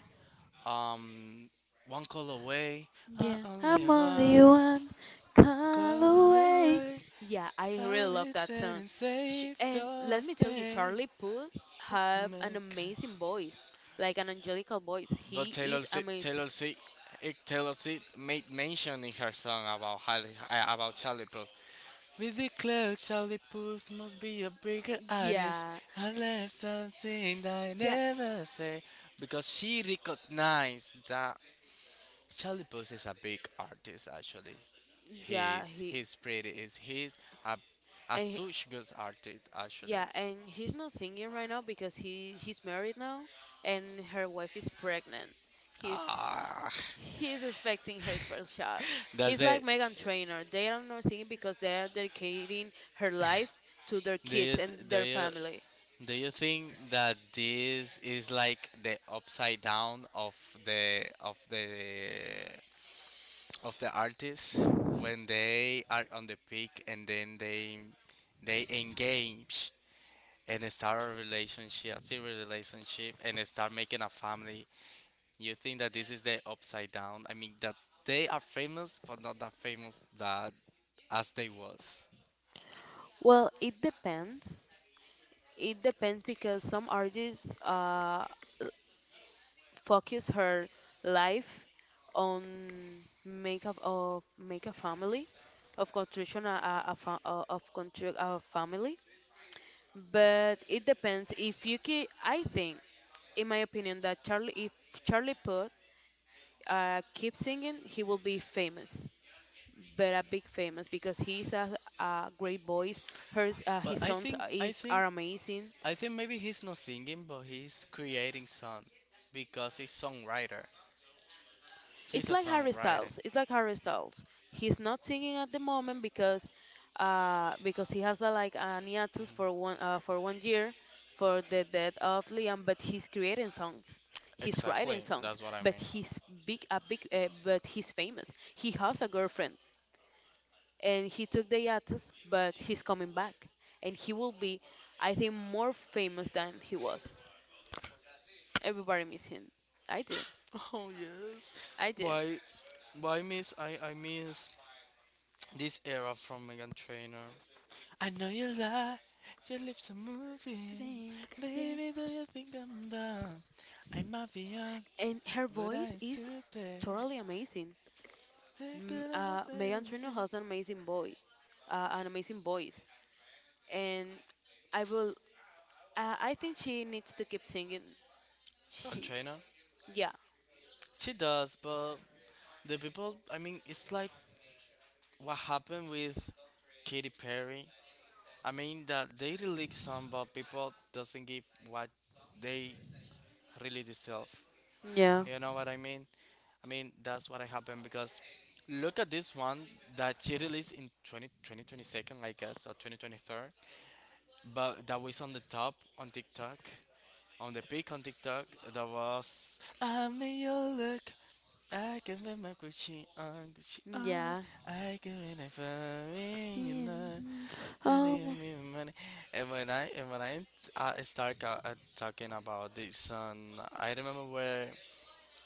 S1: um, One Call Away. I
S2: Yeah,
S1: only
S2: I'm only
S1: one
S2: one call
S1: call
S2: away.
S1: away.
S2: Yeah, I
S1: I'll
S2: really love
S1: be
S2: that song.
S1: and
S2: Sh
S1: saved
S2: And let
S1: off
S2: me tell you,
S1: days.
S2: Charlie Puth have an amazing voice, like an angelical voice.
S1: But
S2: He
S1: Taylor
S2: is
S1: Swift,
S2: amazing.
S1: Taylor Swift, eh, Taylor Swift made mention in her song about about Charlie Puth. We declare Charlie Puth must be a bigger artist,
S2: Yeah,
S1: unless something I
S2: yeah,
S1: never say. Because she recognized that Charlie Puth is a big artist actually.
S2: yeah.
S1: He's
S2: He
S1: he's pretty is he's a a
S2: and
S1: such good artist actually.
S2: yeah, and he's not singing right now because he's married now and her wife is pregnant. He's
S1: Ah,
S2: he's expecting his first child.
S1: does
S2: He's like
S1: it?
S2: Megan Trainor. They are not singing because they are dedicating her life to their
S1: Do you
S2: kids
S1: s-
S2: and their family.
S1: do you think that this is like the upside down of the of the the artist when they are on the peak and then they engage and start a relationship, a serious relationship, and start making a family. You think that this is the upside down? I mean that they are famous but not that famous that as they was.
S2: Well, it depends. It depends because some artists focus her life on make of make a family of construction of construct a family, but it depends if you keep. I think in my opinion that Charlie, if Charlie Puth keeps singing, he will be famous but a big famous because he's a great voice. Hers
S1: But
S2: His
S1: I
S2: songs
S1: think I
S2: is
S1: think
S2: are amazing.
S1: I think maybe he's not singing but he's creating song because he's songwriter. He's
S2: It's
S1: a
S2: like Harry
S1: songwriter.
S2: Styles. It's like Harry Styles. He's not singing at the moment because he has a, like an hiatus for 1 year for the death of Liam. But he's creating songs. He's writing
S1: Exactly.
S2: songs.
S1: That's what I
S2: But
S1: mean.
S2: he's big a big. But he's famous. He has a girlfriend, and he took the hiatus. But he's coming back, and he will be, I think, more famous than he was. Everybody miss him. I do.
S1: Oh yes.
S2: I do.
S1: Why why I miss this era from Megan Trainor. I know you lie, your lips are moving. Baby, do you think I'm dumb? I might be young,
S2: And her
S1: but I
S2: voice
S1: ain't
S2: is
S1: stupid.
S2: totally amazing.
S1: They're good on the
S2: Megan Trainor
S1: fancy.
S2: has an amazing boy, an amazing voice, and I will. I think she needs to keep singing.
S1: On
S2: She,
S1: China?
S2: yeah,
S1: She does, but the people, I mean, it's like what happened with Katy Perry. I mean, that they release some, but people doesn't give what they really deserve.
S2: yeah.
S1: You know what I mean? I mean, that's what I happened because look at this one that she released in 20, 2022, I guess, or 2023. But that was on the top on TikTok, on the peak on TikTok. That was, I made you look. I can put my Gucci on, Gucci on.
S2: Yeah,
S1: I can win it for me, you
S2: mm,
S1: know. And they give
S2: um,
S1: me money. And when I start talking about this song, I remember where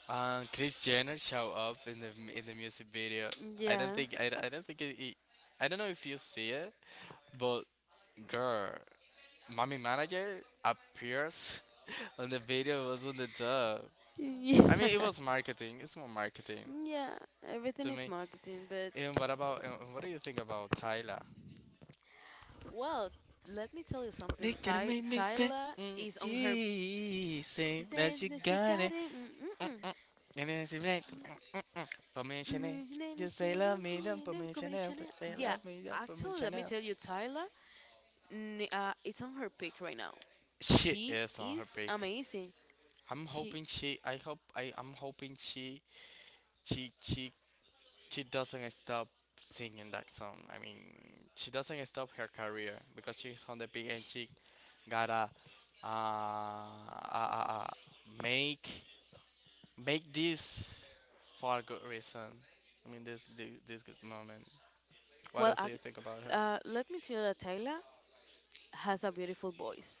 S1: Chris Jenner show up in the in the music video. I don't
S2: yeah,
S1: think I, I don't think I don't know if you see it, but girl, mommy manager appears on the video was on the top. I
S2: yeah,
S1: mean, it was marketing. It's more marketing
S2: yeah. Everything
S1: to
S2: is
S1: me.
S2: marketing, but
S1: And what do you think about Tyler?
S2: well, let me tell you something.
S1: They gonna make me say,
S2: Tyla
S1: mm,
S2: is on her.
S1: he
S2: He
S1: say
S2: says
S1: that you
S2: that she
S1: got
S2: got it. Mm, mm, mm.
S1: innocent, night. Permission, eh?
S2: Mm, she never
S1: Just say love
S2: it,
S1: me, don't
S2: mm, no,
S1: permission,
S2: Commodore
S1: eh?
S2: Chanel.
S1: Just say
S2: Yeah,
S1: love me, don't
S2: actually,
S1: permission.
S2: let me
S1: Eh?
S2: tell you, Tyla. It's on her peak right now.
S1: She
S2: She
S1: is on
S2: is
S1: her break.
S2: amazing.
S1: I'm
S2: She
S1: hoping she. I hope. I. I'm hoping she She. Doesn't stop singing that song. I mean, she doesn't stop her career because she's on the peak and she got a uh, uh, uh, make make this for a good reason. I mean, this good moment. What
S2: well,
S1: else do you think about her?
S2: let me tell you that Taylor has a beautiful voice.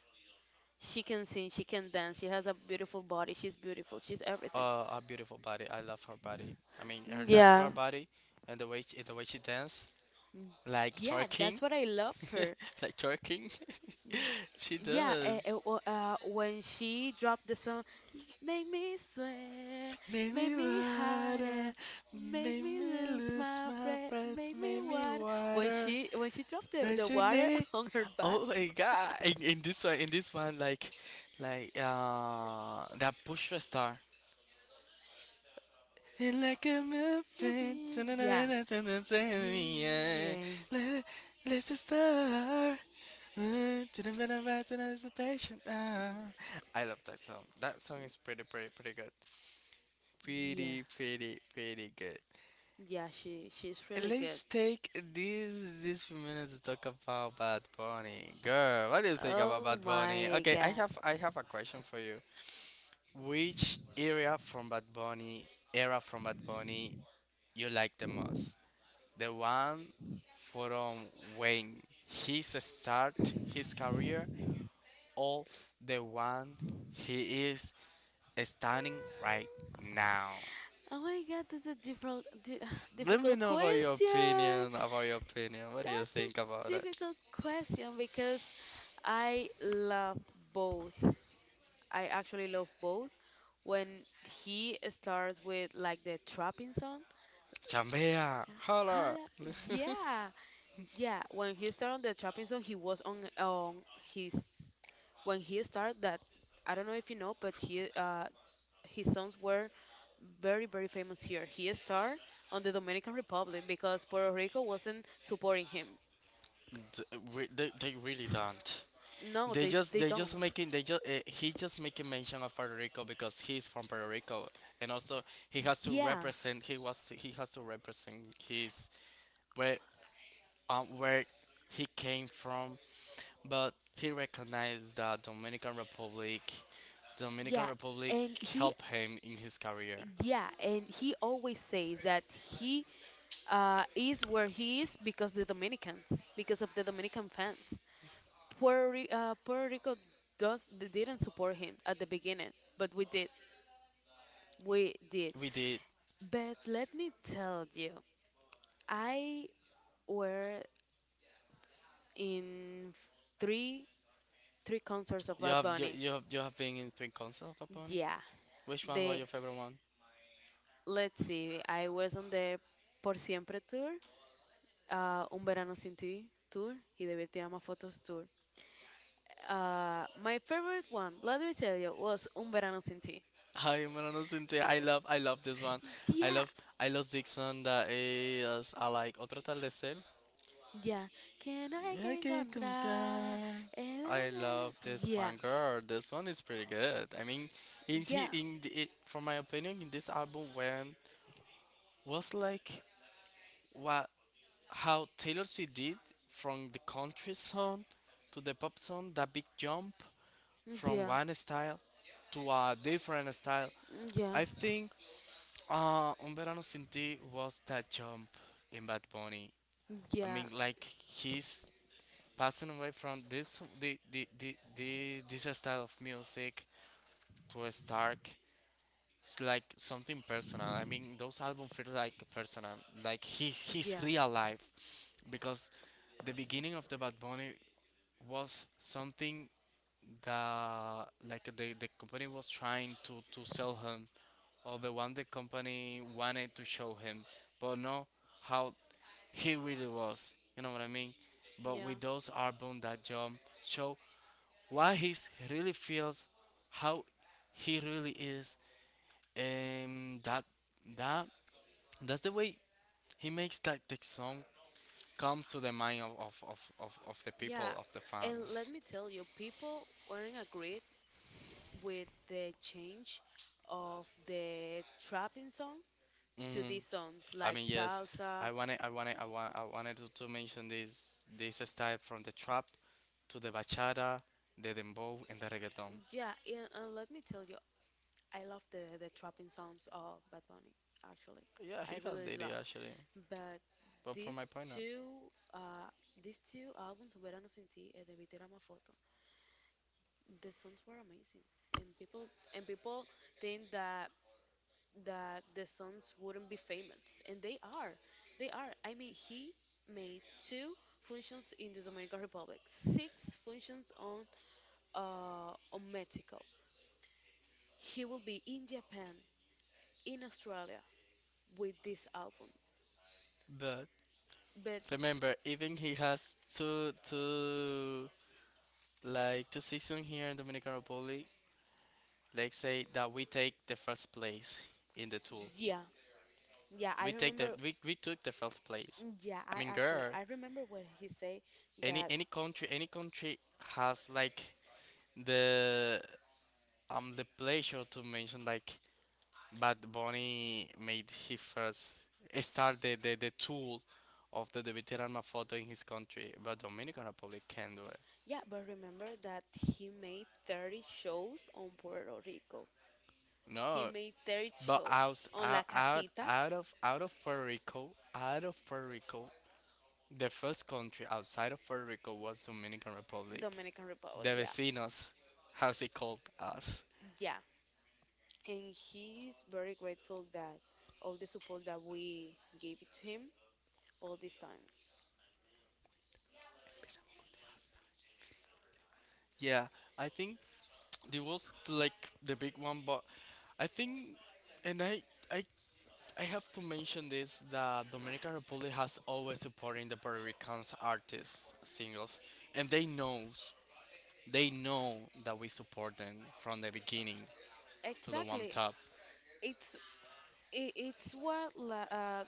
S2: She can sing, she can dance, she has a beautiful body, she's beautiful, she's everything.
S1: A beautiful body. I love her body. I mean, her natural
S2: Yeah.
S1: body and the way she dance,
S2: Mm,
S1: like
S2: yeah, that's
S1: twerking,
S2: what I love her.
S1: like twerking. She
S2: Yeah,
S1: does.
S2: when she dropped the song, make me swear,
S1: Make
S2: make
S1: me
S2: me
S1: water,
S2: harder, make
S1: make
S2: me
S1: me
S2: lose
S1: lose
S2: my
S1: my
S2: breath,
S1: breath,
S2: make me
S1: make me
S2: water. When
S1: water,
S2: she dropped the water
S1: resonate.
S2: on her back,
S1: Oh my god! In this one, like that Bushra star, feel like a muffin.
S2: yeah, yeah,
S1: Let's just start. Ah. I love that song. That song is pretty, pretty, pretty good.
S2: yeah,
S1: Pretty, pretty, pretty good.
S2: yeah. She's
S1: And
S2: really good.
S1: let's take these few minutes to talk about Bad Bunny. Girl, what do you think about
S2: Oh
S1: Bad Bunny?
S2: my
S1: Okay, I
S2: god.
S1: have I have a question for you. Which area from Bad Bunny, era from Bad Bunny, you like the most? The one from when he start his career or the one he is standing right now.
S2: Oh my god, that's a difficult di
S1: Let me
S2: difficult
S1: know about your
S2: question.
S1: opinion, about your opinion. What do you
S2: That's a
S1: think about it?
S2: difficult question because I love both. I actually love both. When he starts with like the trapping song,
S1: Chambea,
S2: yeah,
S1: holla.
S2: Hala- yeah, yeah. When he started on the trapping song, he was on his. When he started that, I don't know if you know, but he his songs were very very famous here. He started on the Dominican Republic because Puerto Rico wasn't supporting him.
S1: They really don't.
S2: No, they
S1: They just
S2: don't.
S1: making they just He just making mention of Puerto Rico because he's from Puerto Rico and also
S2: Yeah,
S1: he has to represent his where where he came from, but he recognized that Dominican Republic, Dominican
S2: yeah.
S1: Republic
S2: And he
S1: helped him in his career.
S2: yeah, and he always says that he is where he is because the Dominicans, because of the Dominican fans. Puerto Rico does they didn't support him at the beginning, but we did, we did.
S1: We did.
S2: But let me tell you, I were in three three concerts of
S1: You
S2: Bad
S1: have you,
S2: Bunny.
S1: you have you have been in three concerts of Paponi.
S2: Yeah,
S1: Which one was
S2: the
S1: your favorite one?
S2: let's see, I was on the Por Siempre tour, Un Verano Sin Ti tour y Debí Te Amo Fotos. My favorite one, let me tell you, was Un Verano Sin Ti.
S1: Ay, mano, no senté. I love this one. I
S2: Yeah,
S1: love I love Dixon that is I like Otro Atardecer.
S2: yeah. Can I
S1: Yeah, I
S2: can
S1: can
S2: encontrar
S1: encontrar.
S2: el
S1: I
S2: anhelo?
S1: love this
S2: Yeah,
S1: one, girl. This one is pretty good. I mean, is he
S2: yeah,
S1: in for my opinion in this album when was like what how Taylor Swift did from the country song to the pop song, that big jump from
S2: yeah,
S1: one style to a different style.
S2: yeah,
S1: I think Un Verano Sin Ti was that jump in Bad Bunny. I
S2: yeah,
S1: mean, like his passing away from this the this style of music to a Stark, it's like something personal. I mean those albums feel like personal, like his
S2: yeah,
S1: real life. Because the beginning of the Bad Bunny was something that like the company was trying to sell him or the one the company wanted to show him but no how he really was. You know what I mean? But
S2: yeah,
S1: with those albums that jump show what he really feels, how he really is, and that that's the way he makes that the song come to the mind of the
S2: yeah.
S1: people of the
S2: And let
S1: fans.
S2: me tell you, people weren't agreed with the change of the trapping song to
S1: Hmm.
S2: these songs
S1: I
S2: like
S1: mean yes,
S2: salsa.
S1: I wanted to mention this style from the trap to the bachata, the dembow, and the reggaeton.
S2: Yeah, and let me tell you, I love the trapping sounds of Bad Bunny. Actually,
S1: Yeah,
S2: I
S1: he has
S2: really
S1: did it
S2: love.
S1: actually,
S2: But
S1: but from my
S2: these
S1: point of.
S2: two, uh, these two albums, Verano Sin Ti and De Vitera Ma Foto, the songs were amazing, and people think that the songs wouldn't be famous, and they are, they are. I mean, he made two functions in the Dominican Republic, six functions on Mexico. He will be in Japan, in Australia with this album.
S1: But
S2: But
S1: remember, even he has two two Like two seasons here in Dominican Republic, let's say that we take the first place in the tool.
S2: yeah, yeah, I
S1: We take the
S2: remember.
S1: we, we took the first place.
S2: Yeah,
S1: I
S2: I
S1: mean,
S2: actually
S1: girl,
S2: I remember what he said
S1: any
S2: that.
S1: any country any country has like the the pleasure to mention like Bad Bunny made his first start the tool of the Debitir Alma photo in his country, but Dominican Republic can do it.
S2: Yeah, but remember that he made 30 shows on Puerto Rico. He
S1: No,
S2: made 30
S1: but
S2: shows
S1: out,
S2: on La
S1: out, out,
S2: Casita,
S1: out of out of Puerto Rico, out of Puerto Rico, the first country outside of Puerto Rico was Dominican Republic.
S2: Dominican Republic.
S1: The
S2: Yeah,
S1: vecinos, how's it called us?
S2: yeah, and he's very grateful that all the support that we gave it to him all this time.
S1: Yeah, I think there was like the big one, but I think, and I, I have to mention this that Dominican Republic has always supporting the Puerto Ricans artists singles, and they know that we support them from the beginning to the one
S2: Exactly.
S1: top.
S2: It's it's what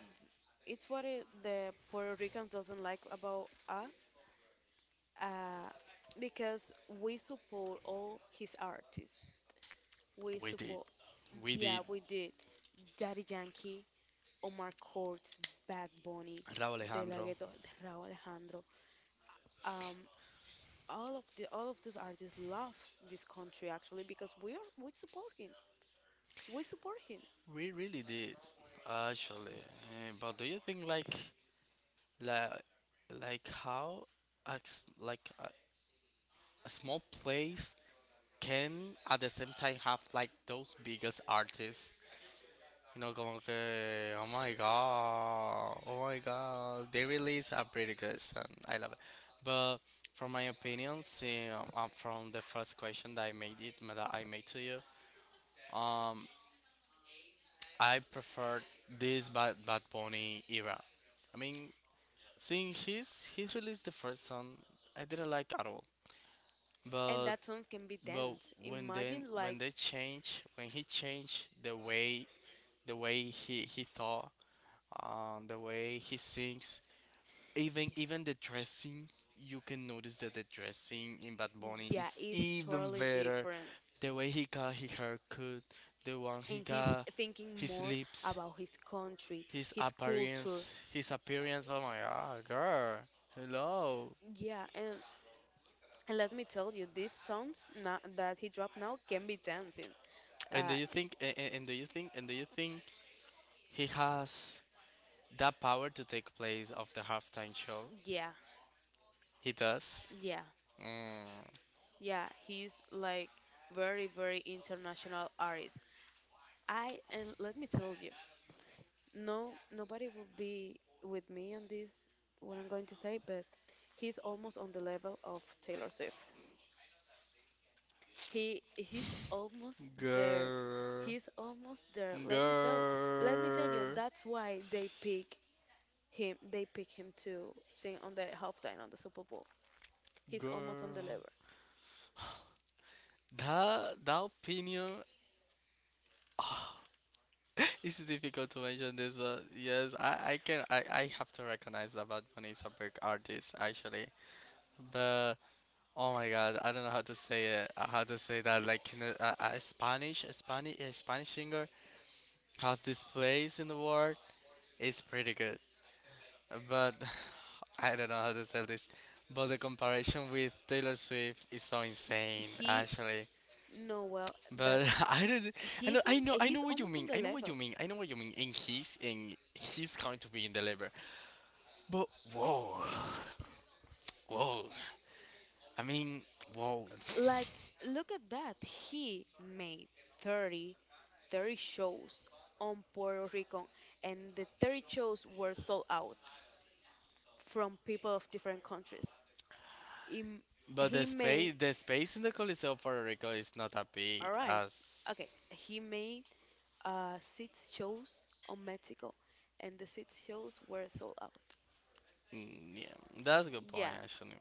S2: it's what it, the Puerto Ricans doesn't like about us uh, because we support all his artists. We
S1: We did.
S2: support,
S1: We
S2: yeah,
S1: did.
S2: we did. Daddy Yankee, Omar Courtz, Bad Bunny,
S1: Raúl
S2: De La
S1: Alejandro.
S2: Ghetto, Raúl Alejandro. Um, all of these artists loves this country actually because we support him. We support him,
S1: We really did, actually. But do you think like like how a, s- like a small place can at the same time have like those biggest artists? You know, como que oh my god, they release are pretty good, and I love it. But from my opinion, see, from the first question that I made to you, um, I preferred this Bad Bunny era. I mean, seeing his released the first song, I didn't like at all.
S2: and
S1: But
S2: that songs can be
S1: but
S2: danced.
S1: when then
S2: Imagine like,
S1: when they change when he changed the way he thought, the way he sings, even the dressing, you can notice that the dressing in Bad Bunny
S2: yeah,
S1: is
S2: it's
S1: even
S2: totally
S1: better.
S2: different.
S1: The way he got his haircut, the one he
S2: And he's
S1: got
S2: thinking
S1: his
S2: more
S1: lips.
S2: about his country,
S1: His
S2: his culture.
S1: appearance, his appearance. Oh my God, girl. Hello.
S2: Yeah, and let me tell you, these songs na that he dropped now can be dancing.
S1: And
S2: Uh,
S1: do you think? And do you think? And do you think he has that power to take place of the halftime show?
S2: yeah,
S1: He does.
S2: yeah,
S1: Mm.
S2: yeah. He's like very, very international artist. I and let me tell you, no, nobody will be with me on this what I'm going to say, but he's almost on the level of Taylor Swift. He's almost there.
S1: Girl,
S2: He's almost there. Let me tell you,
S1: girl,
S2: that's why they pick him. They pick him to sing on the halftime on the Super Bowl. He's almost on the
S1: girl.
S2: level.
S1: That opinion, it's difficult to mention this, but yes, I can I have to recognize that Bad Bunny is a big artist, actually, but oh my God, I don't know how to say it. How to say that? Like, in a Spanish singer has this place in the world. It's pretty good, but I don't know how to say this. But the comparison with Taylor Swift is so
S2: He,
S1: insane,
S2: he
S1: actually.
S2: know well that
S1: But I don't. I
S2: he's
S1: know.
S2: on.
S1: I know. I
S2: He's
S1: know what you
S2: almost on
S1: mean.
S2: the
S1: I know what
S2: level.
S1: you mean. I know what you mean. And he's going to be in the labor. But whoa. Whoa. I mean, whoa.
S2: Like look at that. He made 30, 30 shows on Puerto Rico, and the 30 shows were sold out from people of different countries. Im-
S1: But
S2: He
S1: the
S2: made
S1: space, the space in the Coliseo of Puerto Rico is not that
S2: all
S1: big
S2: right.
S1: as.
S2: Okay, he made six shows on Mexico, and the six shows were sold out.
S1: Mm, yeah, that's a good
S2: Yeah.
S1: point, actually.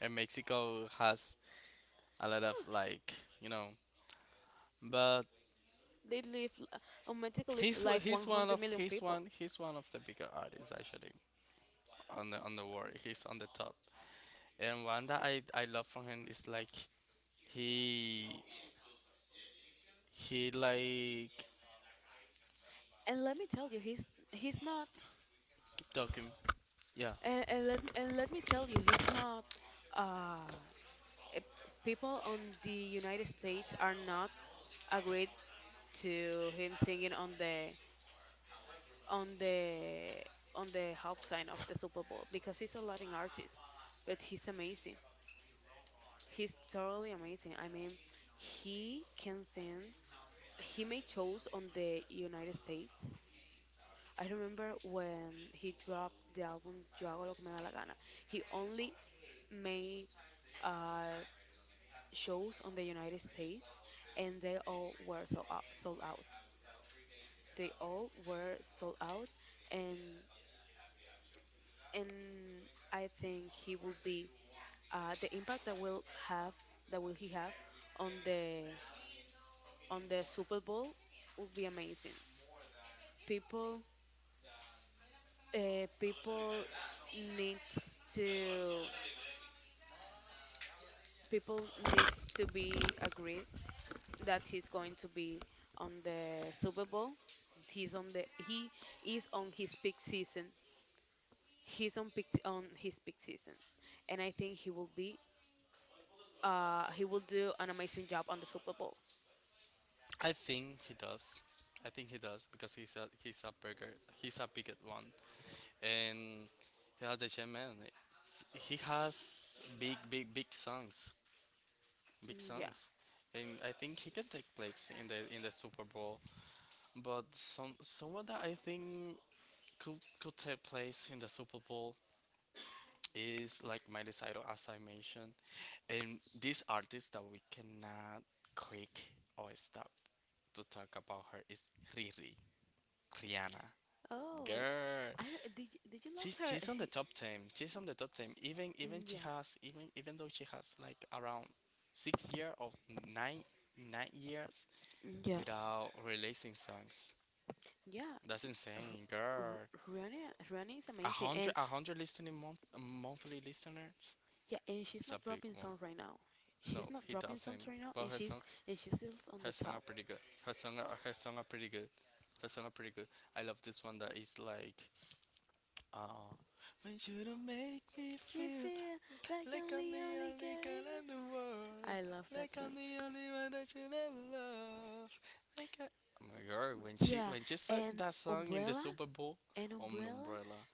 S1: And Mexico has a lot of, like, you know, but
S2: They live l- automatically live like 100 million people.
S1: he's one of the bigger artists, actually, on the world. He's on the top. And one that I love from him is, like, he he like
S2: And let me tell you, he's not.
S1: keep talking. Yeah,
S2: And let me tell you, he's not. Uh, eh, people on the United States are not agreed to him singing on the on the on the halftime of the Super Bowl because he's a Latin artist, but he's amazing. He's totally amazing. I mean, he can sing. He made shows on the United States. I remember when he dropped the album Yo hago lo que me da la gana. He only made uh, shows on the United States and they all were sold out, sold out. They all were sold out and and I think he will be the impact that will have that will he have on the on the Super Bowl will be amazing. People people needs to people need to be agreed that he's going to be on the Super Bowl. He is on his peak season. He's on his peak season, and I think he will be he will do an amazing job on the Super Bowl.
S1: I think he does. I think he does because he's a bigger one, and he has the chain, man. He has big, big, big
S2: Mm, yeah.
S1: songs, and I think he can take place in the Super Bowl. But someone that I think could take place in the Super Bowl is, like, Miley Cyrus, as I mentioned. And this artist that we cannot quick or stop to talk about her is Rihanna,
S2: Oh,
S1: girl.
S2: I don't- did you love
S1: She's
S2: her?
S1: she's on
S2: She,
S1: the top team. She's on the top team. Even
S2: mm,
S1: even she
S2: yeah,
S1: has even even though she has like around 6 year or nine years
S2: mm, yeah,
S1: without releasing songs.
S2: yeah.
S1: That's insane, girl.
S2: Rihanna is
S1: A
S2: amazing, and
S1: hundred a hundred listening monthly listeners.
S2: yeah, and she's not
S1: It's a big
S2: dropping songs
S1: one.
S2: right now. She's
S1: No,
S2: not
S1: he
S2: dropping songs right
S1: doesn't.
S2: now, and
S1: But her song
S2: she's still on
S1: her
S2: the
S1: song
S2: top.
S1: are pretty good. Her song are pretty good. Her song are pretty good. I love this one that is like uh when you don't make me
S2: You
S1: feel
S2: feel like
S1: like I'm
S2: only,
S1: the
S2: only
S1: only
S2: getting
S1: girl in
S2: there.
S1: the
S2: I
S1: world.
S2: love that
S1: Like
S2: song.
S1: I'm the only one that you never love. Like I... Oh my God, when she
S2: Yeah,
S1: when she sang
S2: and
S1: that song in the
S2: Umbrella,
S1: Super Bowl.
S2: and
S1: Om
S2: Umbrella.
S1: Umbrella,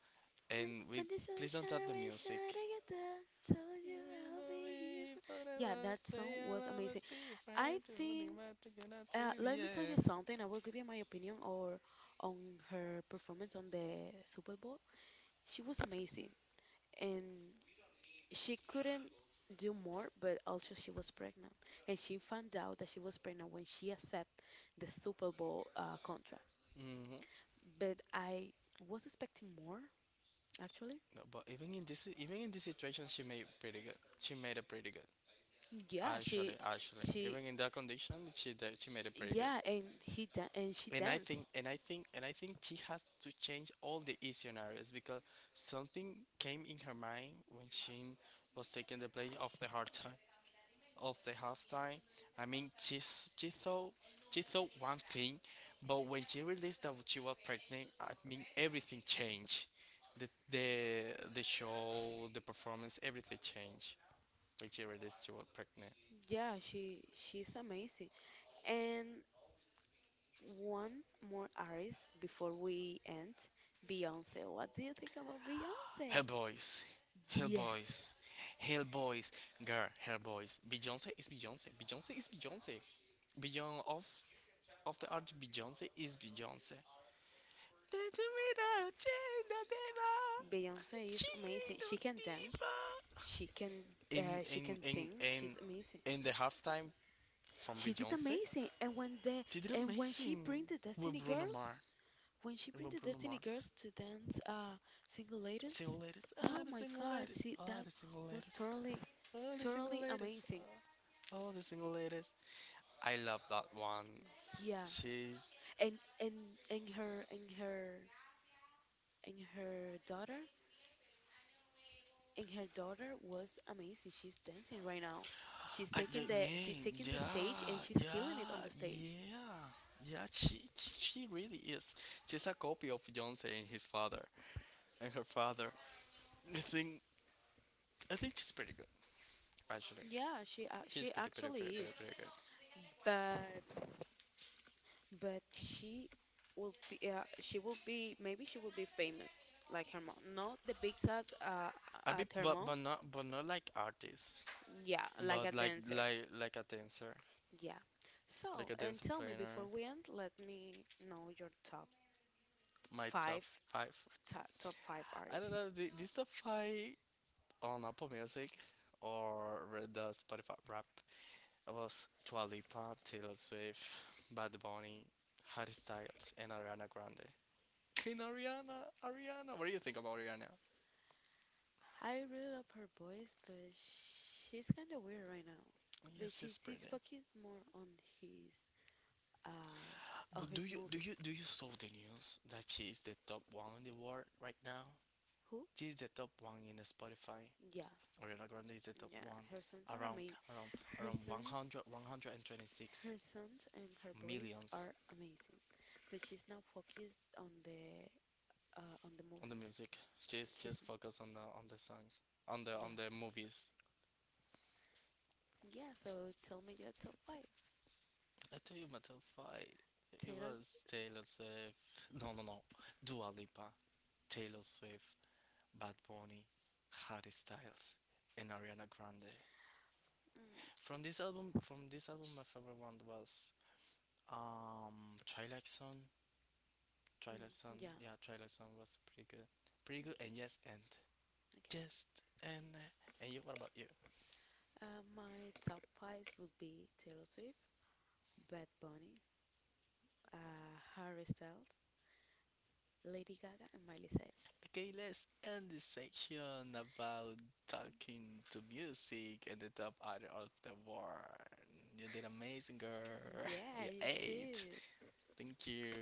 S2: When,
S1: and
S2: when
S1: we
S2: the
S1: please don't
S2: sunshine
S1: stop the
S2: will shine
S1: music.
S2: together, told you
S1: We
S2: I'll
S1: love
S2: be here for.
S1: me
S2: Yeah, that
S1: forever.
S2: song
S1: Say I
S2: was
S1: love
S2: amazing.
S1: us, be a
S2: I
S1: friend. We'll
S2: think.
S1: be it out to
S2: Let me
S1: the
S2: tell you
S1: end.
S2: something. I will give you my opinion or on her performance on the Super Bowl. She was amazing, and she couldn't do more, but also she was pregnant, and she found out that she was pregnant when she accepted the Super Bowl contract.
S1: Mm-hmm.
S2: But I was expecting more, actually.
S1: No, but even in this situation, she made pretty good. She made it pretty good.
S2: Yeah,
S1: Actually,
S2: she,
S1: even in that condition, she made it pretty good.
S2: yeah, and he dan- and she
S1: And I
S2: danced.
S1: think, and I think, and I think she has to change all the e scenarios because something came in her mind when she was taking the play of the hard time, of the half I mean, she thought one thing, but when she realized that she was pregnant, I mean, everything changed. The the the show, the performance, everything changed when she realized she was pregnant.
S2: Yeah, she she's amazing. And one more artist before we end, Beyonce. What do you think about Beyonce?
S1: Hell boys, hell
S2: Yes,
S1: boys, hell boys, girl, hell boys. Beyonce is Beyonce. Beyonce is Beyonce. Beyond of the art, Beyonce is Beyonce.
S2: Beyonce is amazing. She can dance. She can
S1: In
S2: she can
S1: in in
S2: sing. She's
S1: in
S2: amazing.
S1: in the halftime from
S2: She did
S1: Beyonce,
S2: amazing. And
S1: they did
S2: when she
S1: amazing
S2: bring the Destiny
S1: with Bruno
S2: Girls,
S1: Mars
S2: when she bring the
S1: with Bruno
S2: Destiny Girls
S1: Mars.
S2: to dance single ladies,
S1: Single ladies,
S2: oh
S1: all the
S2: my
S1: single
S2: God, see
S1: ladies,
S2: that
S1: all the single
S2: was
S1: ladies.
S2: totally
S1: All the
S2: totally
S1: single ladies.
S2: amazing.
S1: All the single ladies. I love that one.
S2: Yeah.
S1: She's.
S2: And and and her and her and her daughter and her daughter was amazing. She's dancing right now.
S1: I ju-
S2: She's
S1: mean,
S2: taking the stage and
S1: yeah,
S2: she's killing it on the
S1: yeah,
S2: stage.
S1: yeah. Yeah, she really is. She's a copy of Beyonce and his father. And her father. I think, I think she's pretty good, actually.
S2: Yeah, she
S1: She's pretty, pretty,
S2: actually
S1: pretty,
S2: is.
S1: pretty, pretty good.
S2: But but she will be maybe she will be famous like her mom. Not the big stars
S1: A
S2: at
S1: bit,
S2: her mom.
S1: but not like artist.
S2: Yeah, like a
S1: But like,
S2: dancer.
S1: like, like a dancer.
S2: Yeah. So
S1: Like a
S2: and
S1: dancer
S2: tell me before
S1: planner.
S2: we end, let me know your top
S1: My
S2: five
S1: top five.
S2: of top five
S1: I
S2: artists.
S1: don't know. The This top five on Apple Music or with the Spotify rap. It was Dua Lipa, Taylor Swift, Bad Bunny, Harry Styles, and Ariana Grande. Queen Ariana, Ariana. What do you think about Ariana?
S2: I really love her voice, but she's kind of weird right now.
S1: Oh,
S2: But
S1: yes, she's
S2: she's
S1: pretty.
S2: focused more on his uh, of
S1: But
S2: his
S1: do you
S2: movies.
S1: do you do you saw the news that she is the top one in the world right now?
S2: Who?
S1: She is the top one in the Spotify.
S2: Yeah,
S1: Ariana Grande is the
S2: yeah.
S1: top one
S2: Her sons are
S1: around
S2: amazing.
S1: around
S2: Her
S1: around
S2: sons,
S1: 100 126
S2: her sons, and her boys
S1: millions
S2: are amazing. But she's now focused on the
S1: on the
S2: movies.
S1: music. Just
S2: She's
S1: just focus on the song, on the
S2: yeah,
S1: on the movies.
S2: yeah. So tell me your top five.
S1: I tell you, my top five. It
S2: Taylor's.
S1: was Taylor Swift. No, no, no. Dua Lipa, Taylor Swift, Bad Bunny, Harry Styles, and Ariana Grande.
S2: Mm.
S1: From this album, my favorite one was Twilight Zone.
S2: Mm,
S1: Twilight
S2: yeah.
S1: Zone, yeah, Twilight Zone was pretty good, pretty good.
S2: Okay.
S1: And yes, and
S2: Okay.
S1: just and and you. What about you?
S2: My top five would be Taylor Swift, Bad Bunny, Harry Styles, Lady Gaga, and Miley Cyrus.
S1: Okay, let's end this section about talking to music and the top artist of the world. You did amazing, girl.
S2: Yeah,
S1: You
S2: you too.
S1: ate. Thank you.